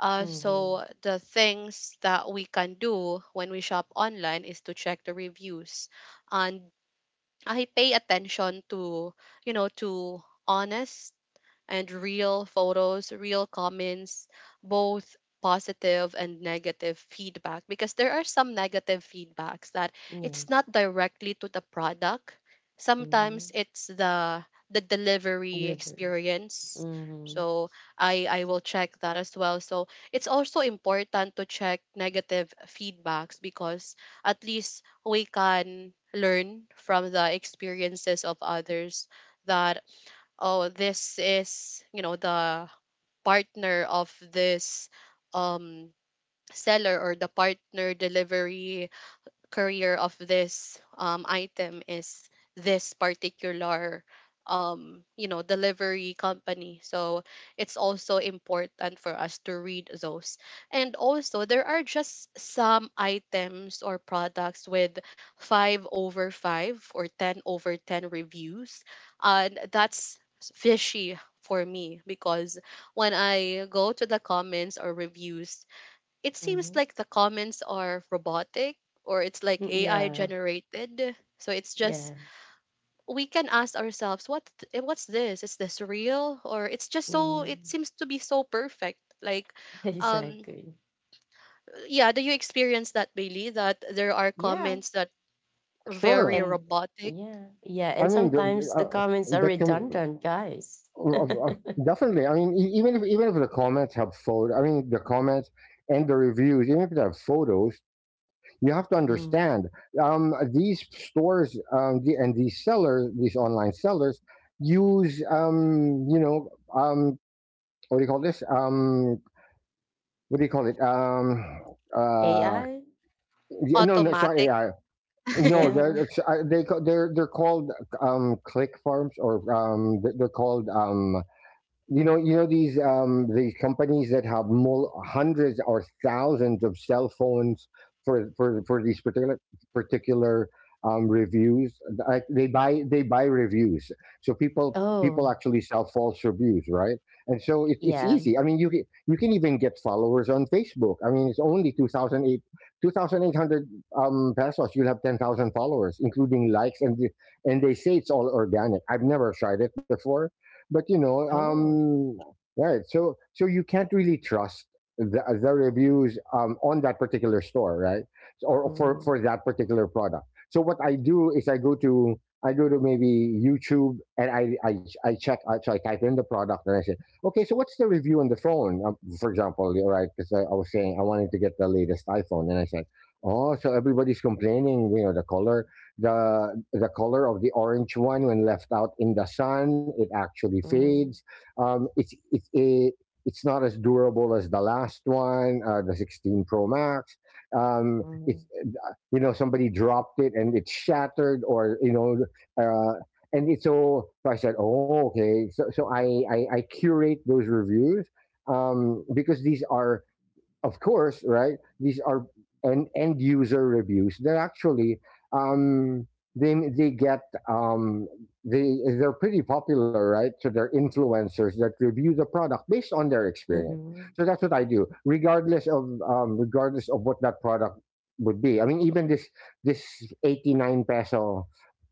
A: Uh,
B: Mm-hmm.
A: so the things that we can do when we shop online is to check the reviews, and I pay attention to, you know, to honest and real photos, real comments, both positive and negative feedback, because there are some negative feedbacks that it's
B: Yes.
A: not directly to the product. Sometimes
B: Mm-hmm.
A: it's the the delivery
B: Delivery.
A: experience.
B: Mm-hmm.
A: So I I will check that as well. So it's also important to check negative feedbacks because at least we can learn from the experiences of others, that oh, this is, you know, the partner of this, um, seller, or the partner delivery career of this, um, item is this particular, um, you know, delivery company. So it's also important for us to read those. And also, there are just some items or products with five over five or ten over ten reviews, and that's fishy for me because when I go to the comments or reviews, it seems
B: Mm-hmm.
A: like the comments are robotic or it's like
B: Mm,
A: A I
B: yeah.
A: generated. So it's just
B: Yeah.
A: we can ask ourselves what th- eh, what's this? Is this real, or it's just, so it
B: Mm-hmm.
A: seems to be so perfect. Like, um,
B: Exactly.
A: yeah, do you experience that, Bailey, that there are
B: Yeah.
A: comments that
C: Sure,
A: very
B: And
A: robotic,
B: yeah, yeah.
C: I
B: And
C: mean, the- the,
B: sometimes the
C: uh,
B: comments are
C: that can
B: redundant, guys.
C: uh, uh, definitely. I mean, e- even if even if the comments have photo, I mean, the comments and the reviews, even if they have photos, you have to
B: Mm.
C: understand, um, these stores, um, the, and these sellers, these online sellers, use um, you know um, what do you call this? Um, what do you call it? Um, uh,
B: A I?
C: yeah, no, no, it's not
A: automatic?
C: A I. No,
B: Yeah.
C: they're, it's, uh, they ca- they're they're called um, click farms, or um, th- they're called um, you know, you know these um these companies that have mul- hundreds or thousands of cell phones for for for these particular particular um reviews. Like, they buy they buy reviews. So people people
B: Oh,
C: actually sell false reviews, right? And so it, it's
B: yeah.
C: easy. I mean, you can you can even get followers on Facebook. I mean, it's only two thousand eight two thousand eight hundred um pesos, you'll have ten thousand followers, including likes and the- And they say it's all organic. I've never tried it before, but you know
B: Oh.
C: um right. So so you can't really trust the, the reviews um, on that particular store, right? Or for
B: Mm-hmm.
C: for that particular product. So what I do is, i go to I go to maybe YouTube, and i i, I check I, so I type in the product and I say, "Okay, so what's the review on the phone?" Um, for example, you're right, because I, I was saying I wanted to get the latest iPhone, and I said, "Oh, so everybody's complaining, you know the color, the the color of the orange one, when left out in the sun, it actually fades. um, it's it's it, it's not as durable as the last one, uh, the sixteen Pro Max. Um,
B: Mm-hmm.
C: it's you know Somebody dropped it and it shattered, or you know uh, and it's, so, so I said, "Oh, okay." So, so I, I i curate those reviews, um, because these are, of course, right? These are end end user reviews that actually, um, they they get, um, they they're pretty popular, right? So they're influencers that review the product based on their experience.
B: Mm-hmm.
C: So that's what I do, regardless of um, regardless of what that product would be. I mean, even this this eighty nine peso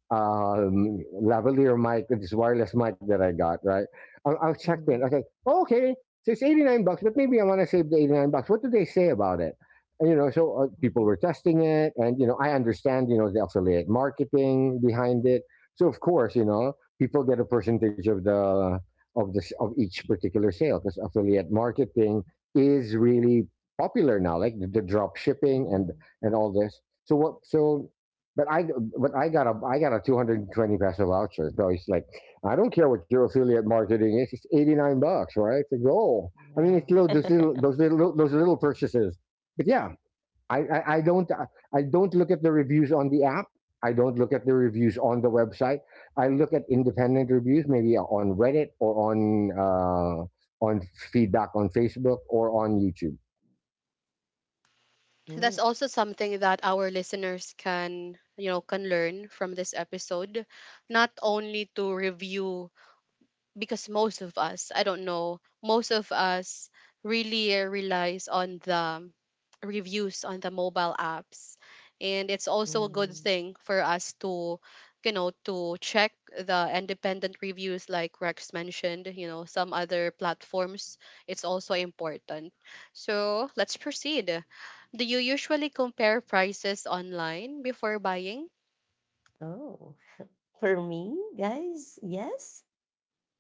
C: um, lavalier mic, this wireless mic that I got, right? I'll, I'll check in. I was
B: Mm-hmm.
C: like, "Oh, okay, so it's eighty-nine bucks, but maybe I want to save the eighty-nine bucks. What do they say about it?" And, you know, so uh, people were testing it, and, you know, I understand, you know, the affiliate marketing behind it. So, of course, you know, people get a percentage of the of this of each particular sale, because affiliate marketing is really popular now, like the, the drop shipping and
B: Mm-hmm.
C: and all this. So what so but I, but I got a, I got a two hundred twenty peso voucher. So it's like, I don't care what your affiliate marketing is. It's eighty-nine bucks, right? It's a goal. I mean,
B: Yeah.
C: it's little, those little, those little, those little purchases. But yeah, I, I, I don't, I don't look at the reviews on the app. I don't look at the reviews on the website. I look at independent reviews, maybe on Reddit or on uh, on feedback on Facebook or on YouTube.
A: That's also something that our listeners can, you know, can learn from this episode, not only to review, because most of us, I don't know, most of us really, uh, relies on the reviews on the mobile apps. And it's also a good
B: Mm-hmm.
A: thing for us to, you know, to check the independent reviews like Rex mentioned, you know, some other platforms. It's also important. So let's proceed. Do you usually compare prices online before buying?
B: Oh. For me, guys, yes.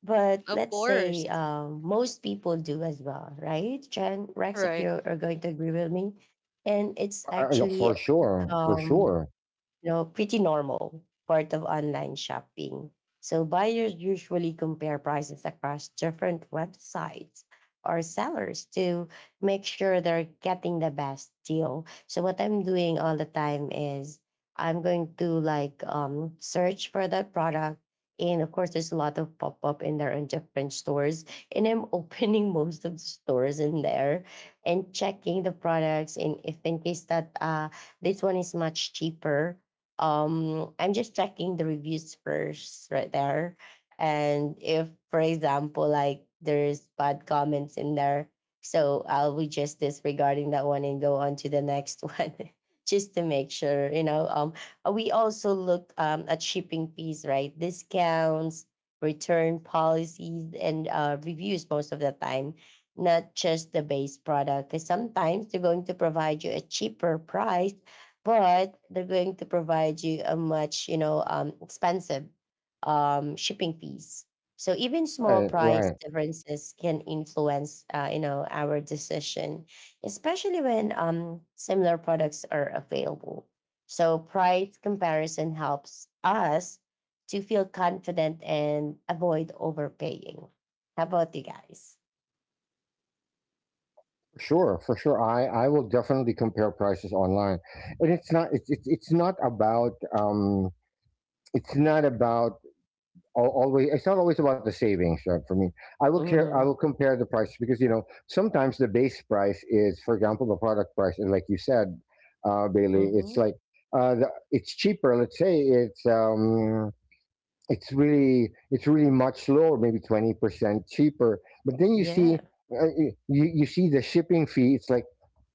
B: But
A: Of
B: let's
A: course.
B: say, um, most people do as well, right? Jen, Rex, if
A: Right.
B: you are going to agree with me. And it's
C: Uh, uh, yeah,
B: actually,
C: for sure, for
B: um,
C: sure.
B: you know, pretty normal part of online shopping. So buyers usually compare prices across different websites or sellers to make sure they're getting the best deal. So what I'm doing all the time is I'm going to, like, um, search for that product. And of course, there's a lot of pop up in there in different stores. And I'm opening most of the stores in there and checking the products. And if in case that, uh, this one is much cheaper, um I'm just checking the reviews first right there. And if, for example, like, there's bad comments in there, so I'll be just disregarding that one and go on to the next one, just to make sure. You know um we also look um at shipping fees, right, discounts, return policies, and uh, reviews most of the time, not just the base product, because sometimes they're going to provide you a cheaper price, but they're going to provide you a much, you know um, expensive, um, shipping fees. So even small
C: Right,
B: price
C: right.
B: differences can influence, uh, you know our decision, especially when um, similar products are available. So price comparison helps us to feel confident and avoid overpaying. How about you guys?
C: Sure, for sure. I, I will definitely compare prices online, and it's not it's it's, it's not about um it's not about al- always, it's not always about the savings, right, for me. I will care I will
B: Mm-hmm.
C: compare the prices, because you know sometimes the base price is, for example, the product price, and like you said, uh, Bailey, it's
B: Mm-hmm.
C: like, uh the, it's cheaper. Let's say it's um it's really it's really much lower, maybe twenty percent cheaper. But then you see
B: Yeah.
C: uh, you you see the shipping fee. It's like,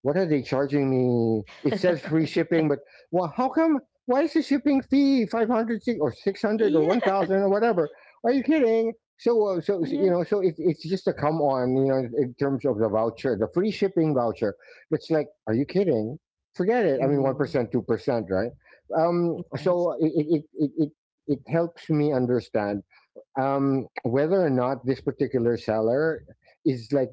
C: what are they charging me? It says free shipping, but, well, how come? Why is the shipping fee five hundred si, or six hundred, or one
B: Yeah,
C: thousand or whatever? Are you kidding? So, uh, so so,
B: yeah.
C: you know, so it, it's just a come on, you know, in terms of the voucher, the free shipping voucher. It's like, are you kidding? Forget it. I mean, one percent, two percent, right? Um
B: Yes.
C: so it, it it it it helps me understand um, whether or not this particular seller is, like,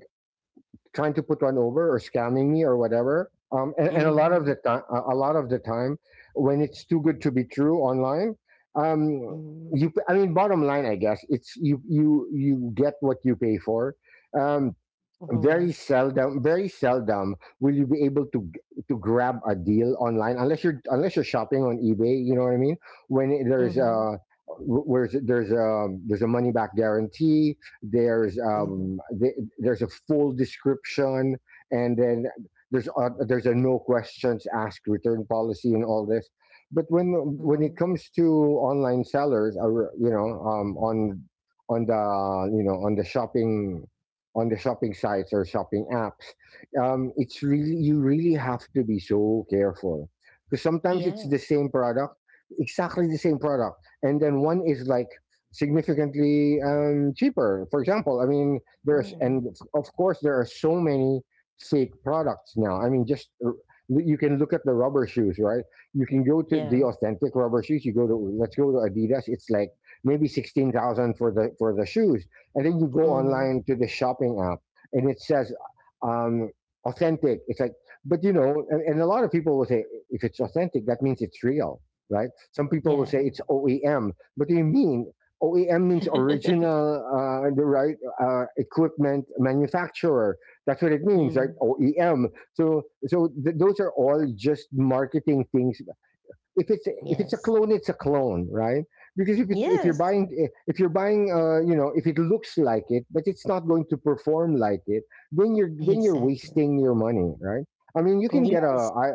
C: trying to put one over or scamming me or whatever. Um, and, and a lot of the
B: Mhm.
C: time, a lot of the time, when it's too good to be true online, um,
B: Mhm.
C: you. I mean, bottom line, I guess it's you. You you get what you pay for. Um,
B: Mhm, yeah.
C: Very seldom, very seldom will you be able to g- to grab a deal online, unless you're unless you're shopping on eBay, you know what I mean? when it- there's
B: Mhm.
C: a where's there's a there's a money back guarantee, there's
B: Mhm.
C: um the- there's a full description, and then there's a, there's a no questions asked return policy and all this. But when when it
B: Mhm.
C: comes to online sellers, or you know um on on the, you know on the shopping on the shopping sites or shopping apps. Um, it's really You really have to be so careful, because sometimes it's the
B: Yes.
C: same product, exactly the same product, and then one is, like, significantly um, cheaper. For example, I mean, there's
B: Yeah.
C: and of course there are so many fake products now. I mean, just r- you can look at the rubber shoes, right? You can go to the
B: Yeah.
C: authentic rubber shoes. You go to Let's go to Adidas. It's like maybe sixteen thousand for the for the shoes, and then you go
B: Mhm.
C: online to the shopping app and it says um, authentic. It's like, but you know, and, and a lot of people will say if it's authentic that means it's real, right? Some people will
B: Yeah.
C: say it's OEM. But do you mean OEM means original uh, the right uh, equipment manufacturer? That's what it means, right?
B: Mm.
C: OEM. So so th- those are all just marketing things. If it's if it's a
B: Yes.
C: clone, it's a clone, right? Because if it's if you're
B: Yes.
C: buying eh, if you're buying uh you know, if it looks like it but it's not going to perform like it, then you're then you're
B: Exactly.
C: wasting your money, right? I mean, you can get a
B: Yes.
C: I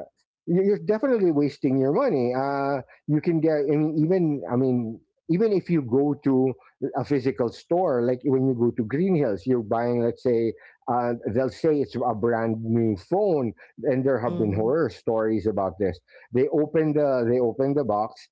C: you- you're definitely wasting your money. Uh, you can get, I mean, even, I mean, even if you go to a physical store, like when you go to Green Hills, you're buying, let's say, uh, they'll say it's a brand new phone, and there have been
B: Mhm.
C: horror stories about this. They open the they open the box.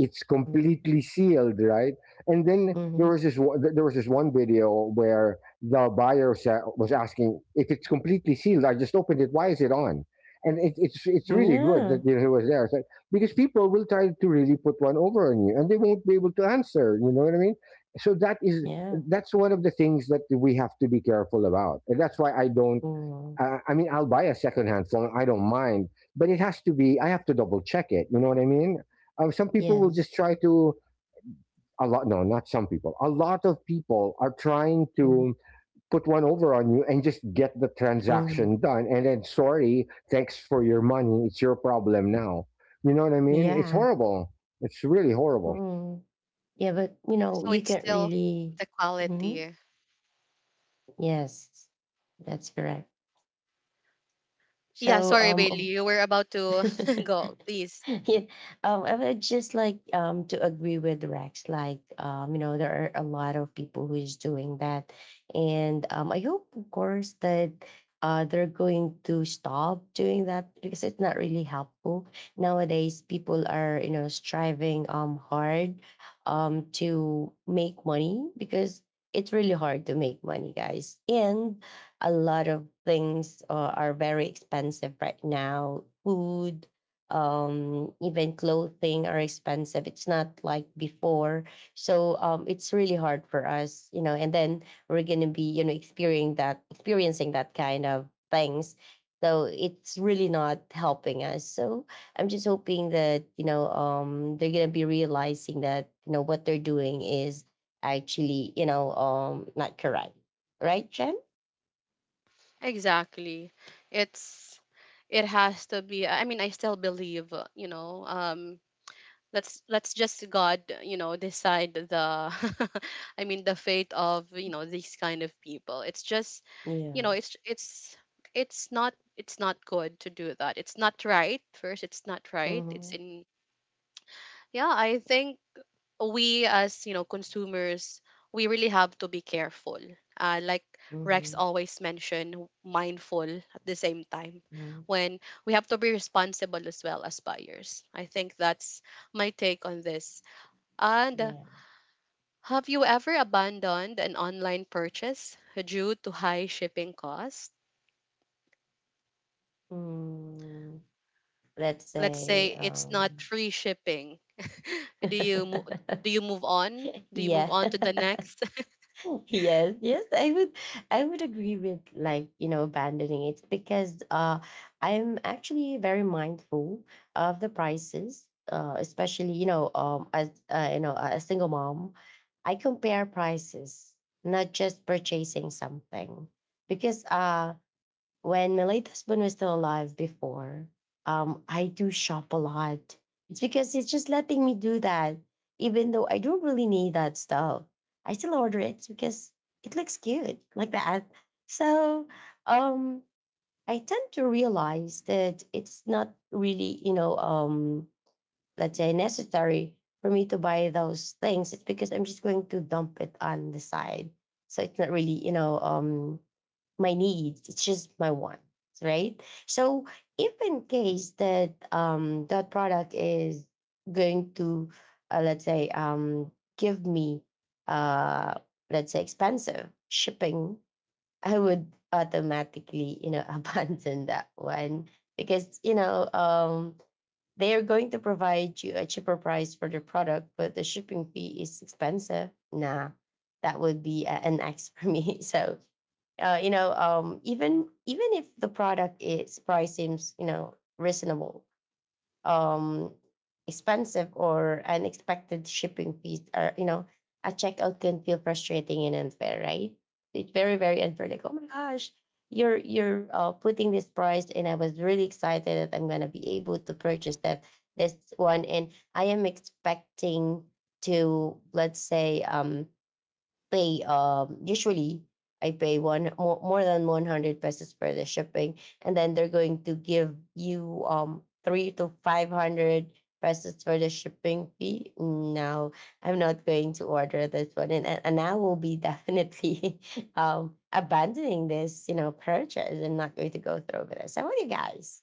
C: It's
B: Mhm.
C: completely sealed, right? And then there
B: Mhm.
C: was this one- there was this one video where the buyer sa- was asking if it's completely sealed. I just opened it. Why is it on? And it, it's it's really good that,
B: Yeah.
C: you know, he was there. It's like, because people will try to really put one over on you, and they won't be able to answer. You know what I mean? So that is
B: Yeah.
C: that's one of the things that we have to be careful about, and that's why I don't
B: Mm.
C: uh, I mean, I'll buy a secondhand phone. I don't mind, but it has to be. I have to double check it. You know what I mean? Um, some people will
B: Yes.
C: just try to a lot. No, not some people. A lot of people are trying
B: Mhm.
C: to put one over on you and just get the
B: Mhm.
C: transaction done. And then, sorry, thanks for your money. It's your problem now. You know what I mean? It's
B: Yeah.
C: horrible. It's really horrible.
B: Mm. Yeah, but, you know,
A: So
B: you
A: it's
B: can't
A: still
B: really.
A: the
B: Mhm.
A: quality.
B: Yes. That's correct.
A: Yeah,
B: So,
A: sorry,
B: um,
A: Bailey.
B: of
A: You were about to go. Please.
B: yeah, um, I would just like um, to agree with Rex. Like, um, you know, there are a lot of people who is doing that, and um, I hope, of course, that uh, they're going to stop doing that because it's not really helpful nowadays. People are, you know, striving um hard um to make money because it's really hard to make money, guys, and a lot of things uh, are very expensive right now. Food, um, even clothing are expensive. It's not like before. So um, it's really hard for us, you know. And then we're gonna be, you know, experiencing that experiencing that kind of things. So it's really not helping us. So I'm just hoping that you know um, they're gonna be realizing that you know what they're doing is actually you know um, not correct, right, Jen?
A: Exactly. It's it has to be. I mean, I still believe, uh, you know, um, let's let's just God, you know, decide the I mean the fate of, you know, these kind of people. It's just, you know,
B: Yeah.
A: it's it's it's not it's not good to do that. It's not right. First, it's not right. It's
B: Mhm.
A: in. Yeah, I think we, as you know, consumers, we really have to be careful, uh, like Rex
B: Mhm.
A: always mentioned, mindful. At the same time,
B: Mhm.
A: when we have to be responsible as well as buyers, I think that's my take on this. And, uh,
B: Yeah.
A: have you ever abandoned an online purchase due to high shipping costs?
B: Mm, let's
A: Let's say
B: say
A: it's not
B: um
A: free shipping. Do you mo- do you move on do you move
B: yeah.
A: on to the next?
B: Yes, yes, I would I would agree with, like, you know, abandoning it because uh I'm actually very mindful of the prices, uh especially, you know, um as uh, you know, a single mom, I compare prices, not just purchasing something because uh when my late husband was still alive before, um, I do shop a lot. It's because it's just letting me do that, even though I don't really need that stuff. I still order it because it looks cute like that. So um, I tend to realize that it's not really, you know, um, let's say necessary for me to buy those things. It's because I'm just going to dump it on the side. So it's not really, you know, um, my needs. It's just my wants, right? So if in case that um that product is going to uh, let's say um give me uh let's say expensive shipping, I would automatically you know abandon that one because you know um they are going to provide you a cheaper price for their product, but the shipping fee is expensive. Nah, that would be a- an X for me. So, uh, you know, um, even even if the product is price seems you know reasonable, um, expensive or unexpected shipping fees or you know a checkout can feel frustrating and unfair, right? It's very very unfair. Like, oh my gosh, you're you're uh, putting this price and I was really excited that I'm going to be able to purchase that this one and I am expecting to, let's say, um pay um usually I pay one more, more than one hundred pesos for the shipping and then they're going to give you um three to five hundred pesos for the shipping fee. No, I'm not going to order this one and and and I will be definitely um abandoning this you know purchase and not going to go through with this. How about you guys?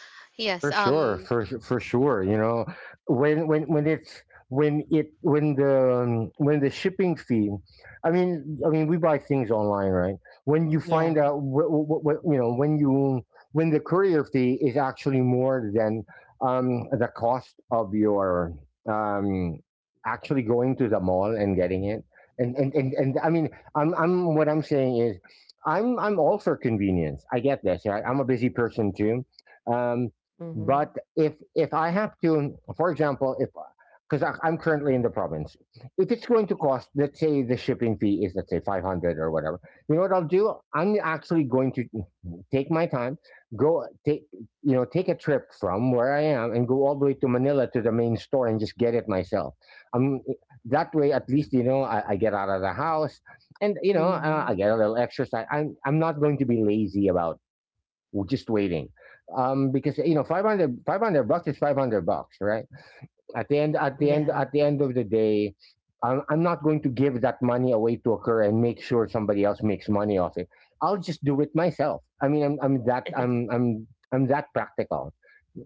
A: Yes.
C: For sure,
A: Um,
C: for su- for sure. You know, when when when it's when it when the um, when the shipping fee, I mean, I mean, we buy things online, right? When you find
B: Yeah.
C: out what, what, what, you know, when you when the courier fee is actually more than um, the cost of your, um, actually going to the mall and getting it. And, and, and, and I mean, I'm, I'm, what I'm saying is I'm, I'm all for convenience. I get this, right? I'm a busy person too. Um, but
B: Mhm.
C: if if I have to, for example, if because I'm currently in the province, if it's going to cost, let's say the shipping fee is, let's say, five hundred or whatever, you know what I'll do? I'm actually going to take my time, go take you know, take a trip from where I am and go all the way to Manila to the main store and just get it myself. Um, that way, at least, you know, I, I get out of the house, and you know, uh, I
B: Mhm.
C: get a little exercise. I'm I'm not going to be lazy about, we're just waiting, um because, you know, five hundred, five hundred bucks is five hundred bucks, right? At the end at the end
B: Yeah.
C: at the end of the day, I'm, I'm not going to give that money away to occur and make sure somebody else makes money off it. I'll just do it myself. i mean I'm, I'm that i'm i'm i'm that practical.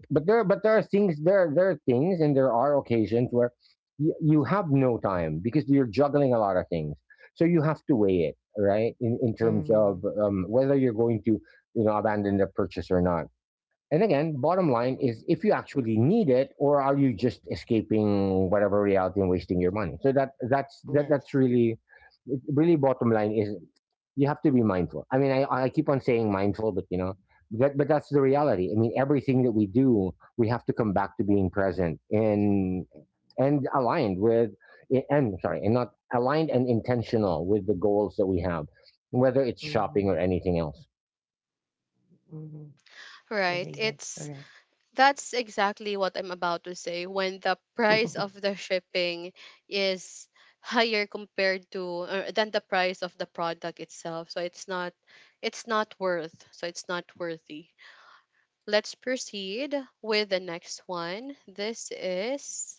C: but there But there are things, there there are things and there are occasions where you, you have no time because you're juggling a lot of things, so you have to weigh it, right, in, in terms of,
B: Mhm.
C: um, whether you're going to, you know, abandon the purchase or not. And again, bottom line is, if you actually need it, or are you just escaping whatever reality and wasting your money? So that that's that that's
B: Yes.
C: really, really, bottom line is, you have to be mindful. I mean, I, I keep on saying mindful, but you know, that, but that's the reality. I mean, everything that we do, we have to come back to being present and and aligned with, and sorry, and not aligned and intentional with the goals that we have, whether it's shopping
B: Mhm.
C: or anything else.
B: Mhm. Yes,
A: right,
B: exactly,
A: it's.
B: correct.
A: That's exactly what I'm about to say. When the price of the shipping is higher compared to, uh, than the price of the product itself, so it's not, it's not worth. So it's not worthy. Let's proceed with the next one. This is,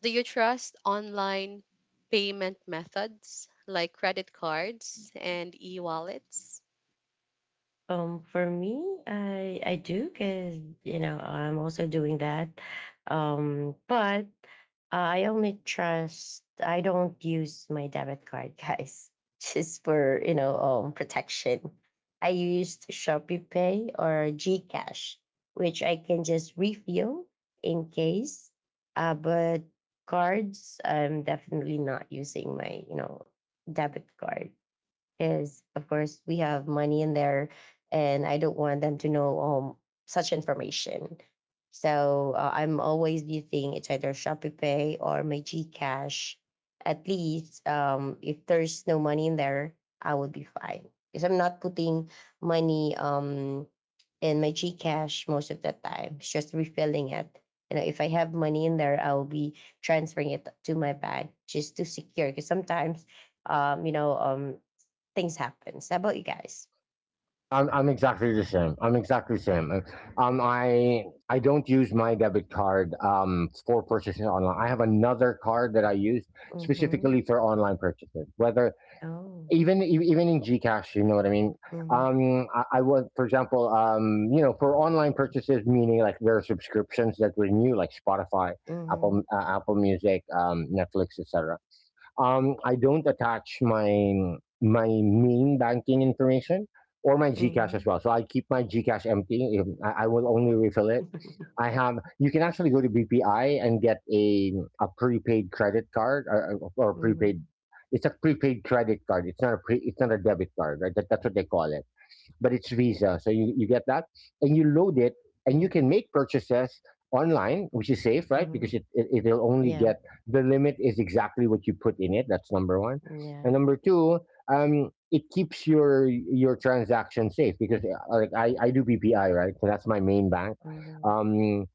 A: do you trust online payment methods like credit cards and e-wallets?
B: um, for me, I I do because you know I'm also doing that, um, but uh, I only trust. I don't use my debit card, guys, just for you know um, protection. I used Shopee Pay or GCash, which I can just refill in case. Uh, but cards, I'm definitely not using my you know debit card, is of course we have money in there and I don't want them to know um, such information. So uh, I'm always using, it's either Shopee Pay or my GCash. At least um, if there's no money in there I would be fine because I'm not putting money um, in my GCash most of the time. It's just refilling it, you know. If I have money in there I'll be transferring it to my bank just to secure, because sometimes um, you know, um, things happens. How about you guys?
C: I'm I'm exactly the same. I'm exactly the same. Uh, Um, I I don't use my debit card um for purchases online. I have another card that I use
B: Mm-hmm.
C: specifically for online purchases. Whether
B: Oh.
C: even e- even in GCash, you know what I mean.
B: Mm-hmm.
C: Um, I, I was, for example, um, you know, for online purchases, meaning like there are subscriptions that renew, like Spotify, Apple
B: Mm-hmm.
C: uh, Apple Music, um, Netflix, et cetera. Um, I don't attach my my main banking information or my GCash as
B: Mm-hmm.
C: well. So I keep my GCash empty. If- I, I will only refill it. I have. You can actually go to B P I and get a a prepaid credit card, or, or
B: Mm-hmm.
C: prepaid. It's a prepaid credit card. It's not a pre, it's not a debit card, right? That, that's what they call it, but it's Visa. So you, you get that and you load it and you can make purchases online, which is safe, right?
B: Mm-hmm.
C: Because it, it, it'll only
B: Yeah.
C: get, the limit is exactly what you put in it. That's number one.
B: Yeah.
C: And number two, um, it keeps your your transaction safe because, uh, like, I, I do B P I, right? So that's my main bank.
B: Mm-hmm.
C: Um,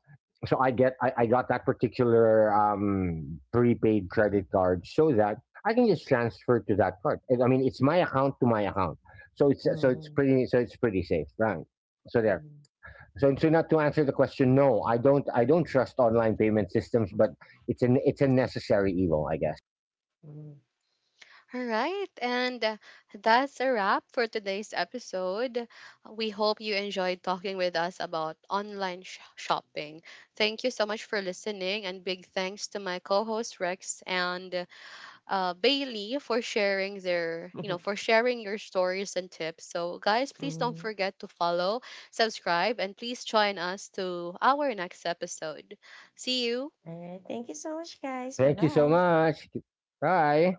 C: so I get, I, I got that particular um, prepaid credit card so that I can just transfer to that card. I mean, it's my account to my account, so it's so it's
B: Mm-hmm.
C: pretty so it's pretty safe, right? So there.
B: Mm-hmm.
C: So so not to answer the question, no, I don't I don't trust online payment systems, but it's an it's a necessary evil, I guess.
B: Mm-hmm.
A: All right, and, uh, that's a wrap for today's episode. We hope you enjoyed talking with us about online sh- shopping. Thank you so much for listening, and big thanks to my co-host Rex and, uh, Bailey for sharing their, you know,
B: Mm-hmm.
A: for sharing your stories and tips. So, guys, please don't
B: All
A: forget to follow, subscribe, and please join us to our next episode. See you.
B: right. Thank you so much, guys. Bye
C: Thank you so
B: bye.
C: much. Bye.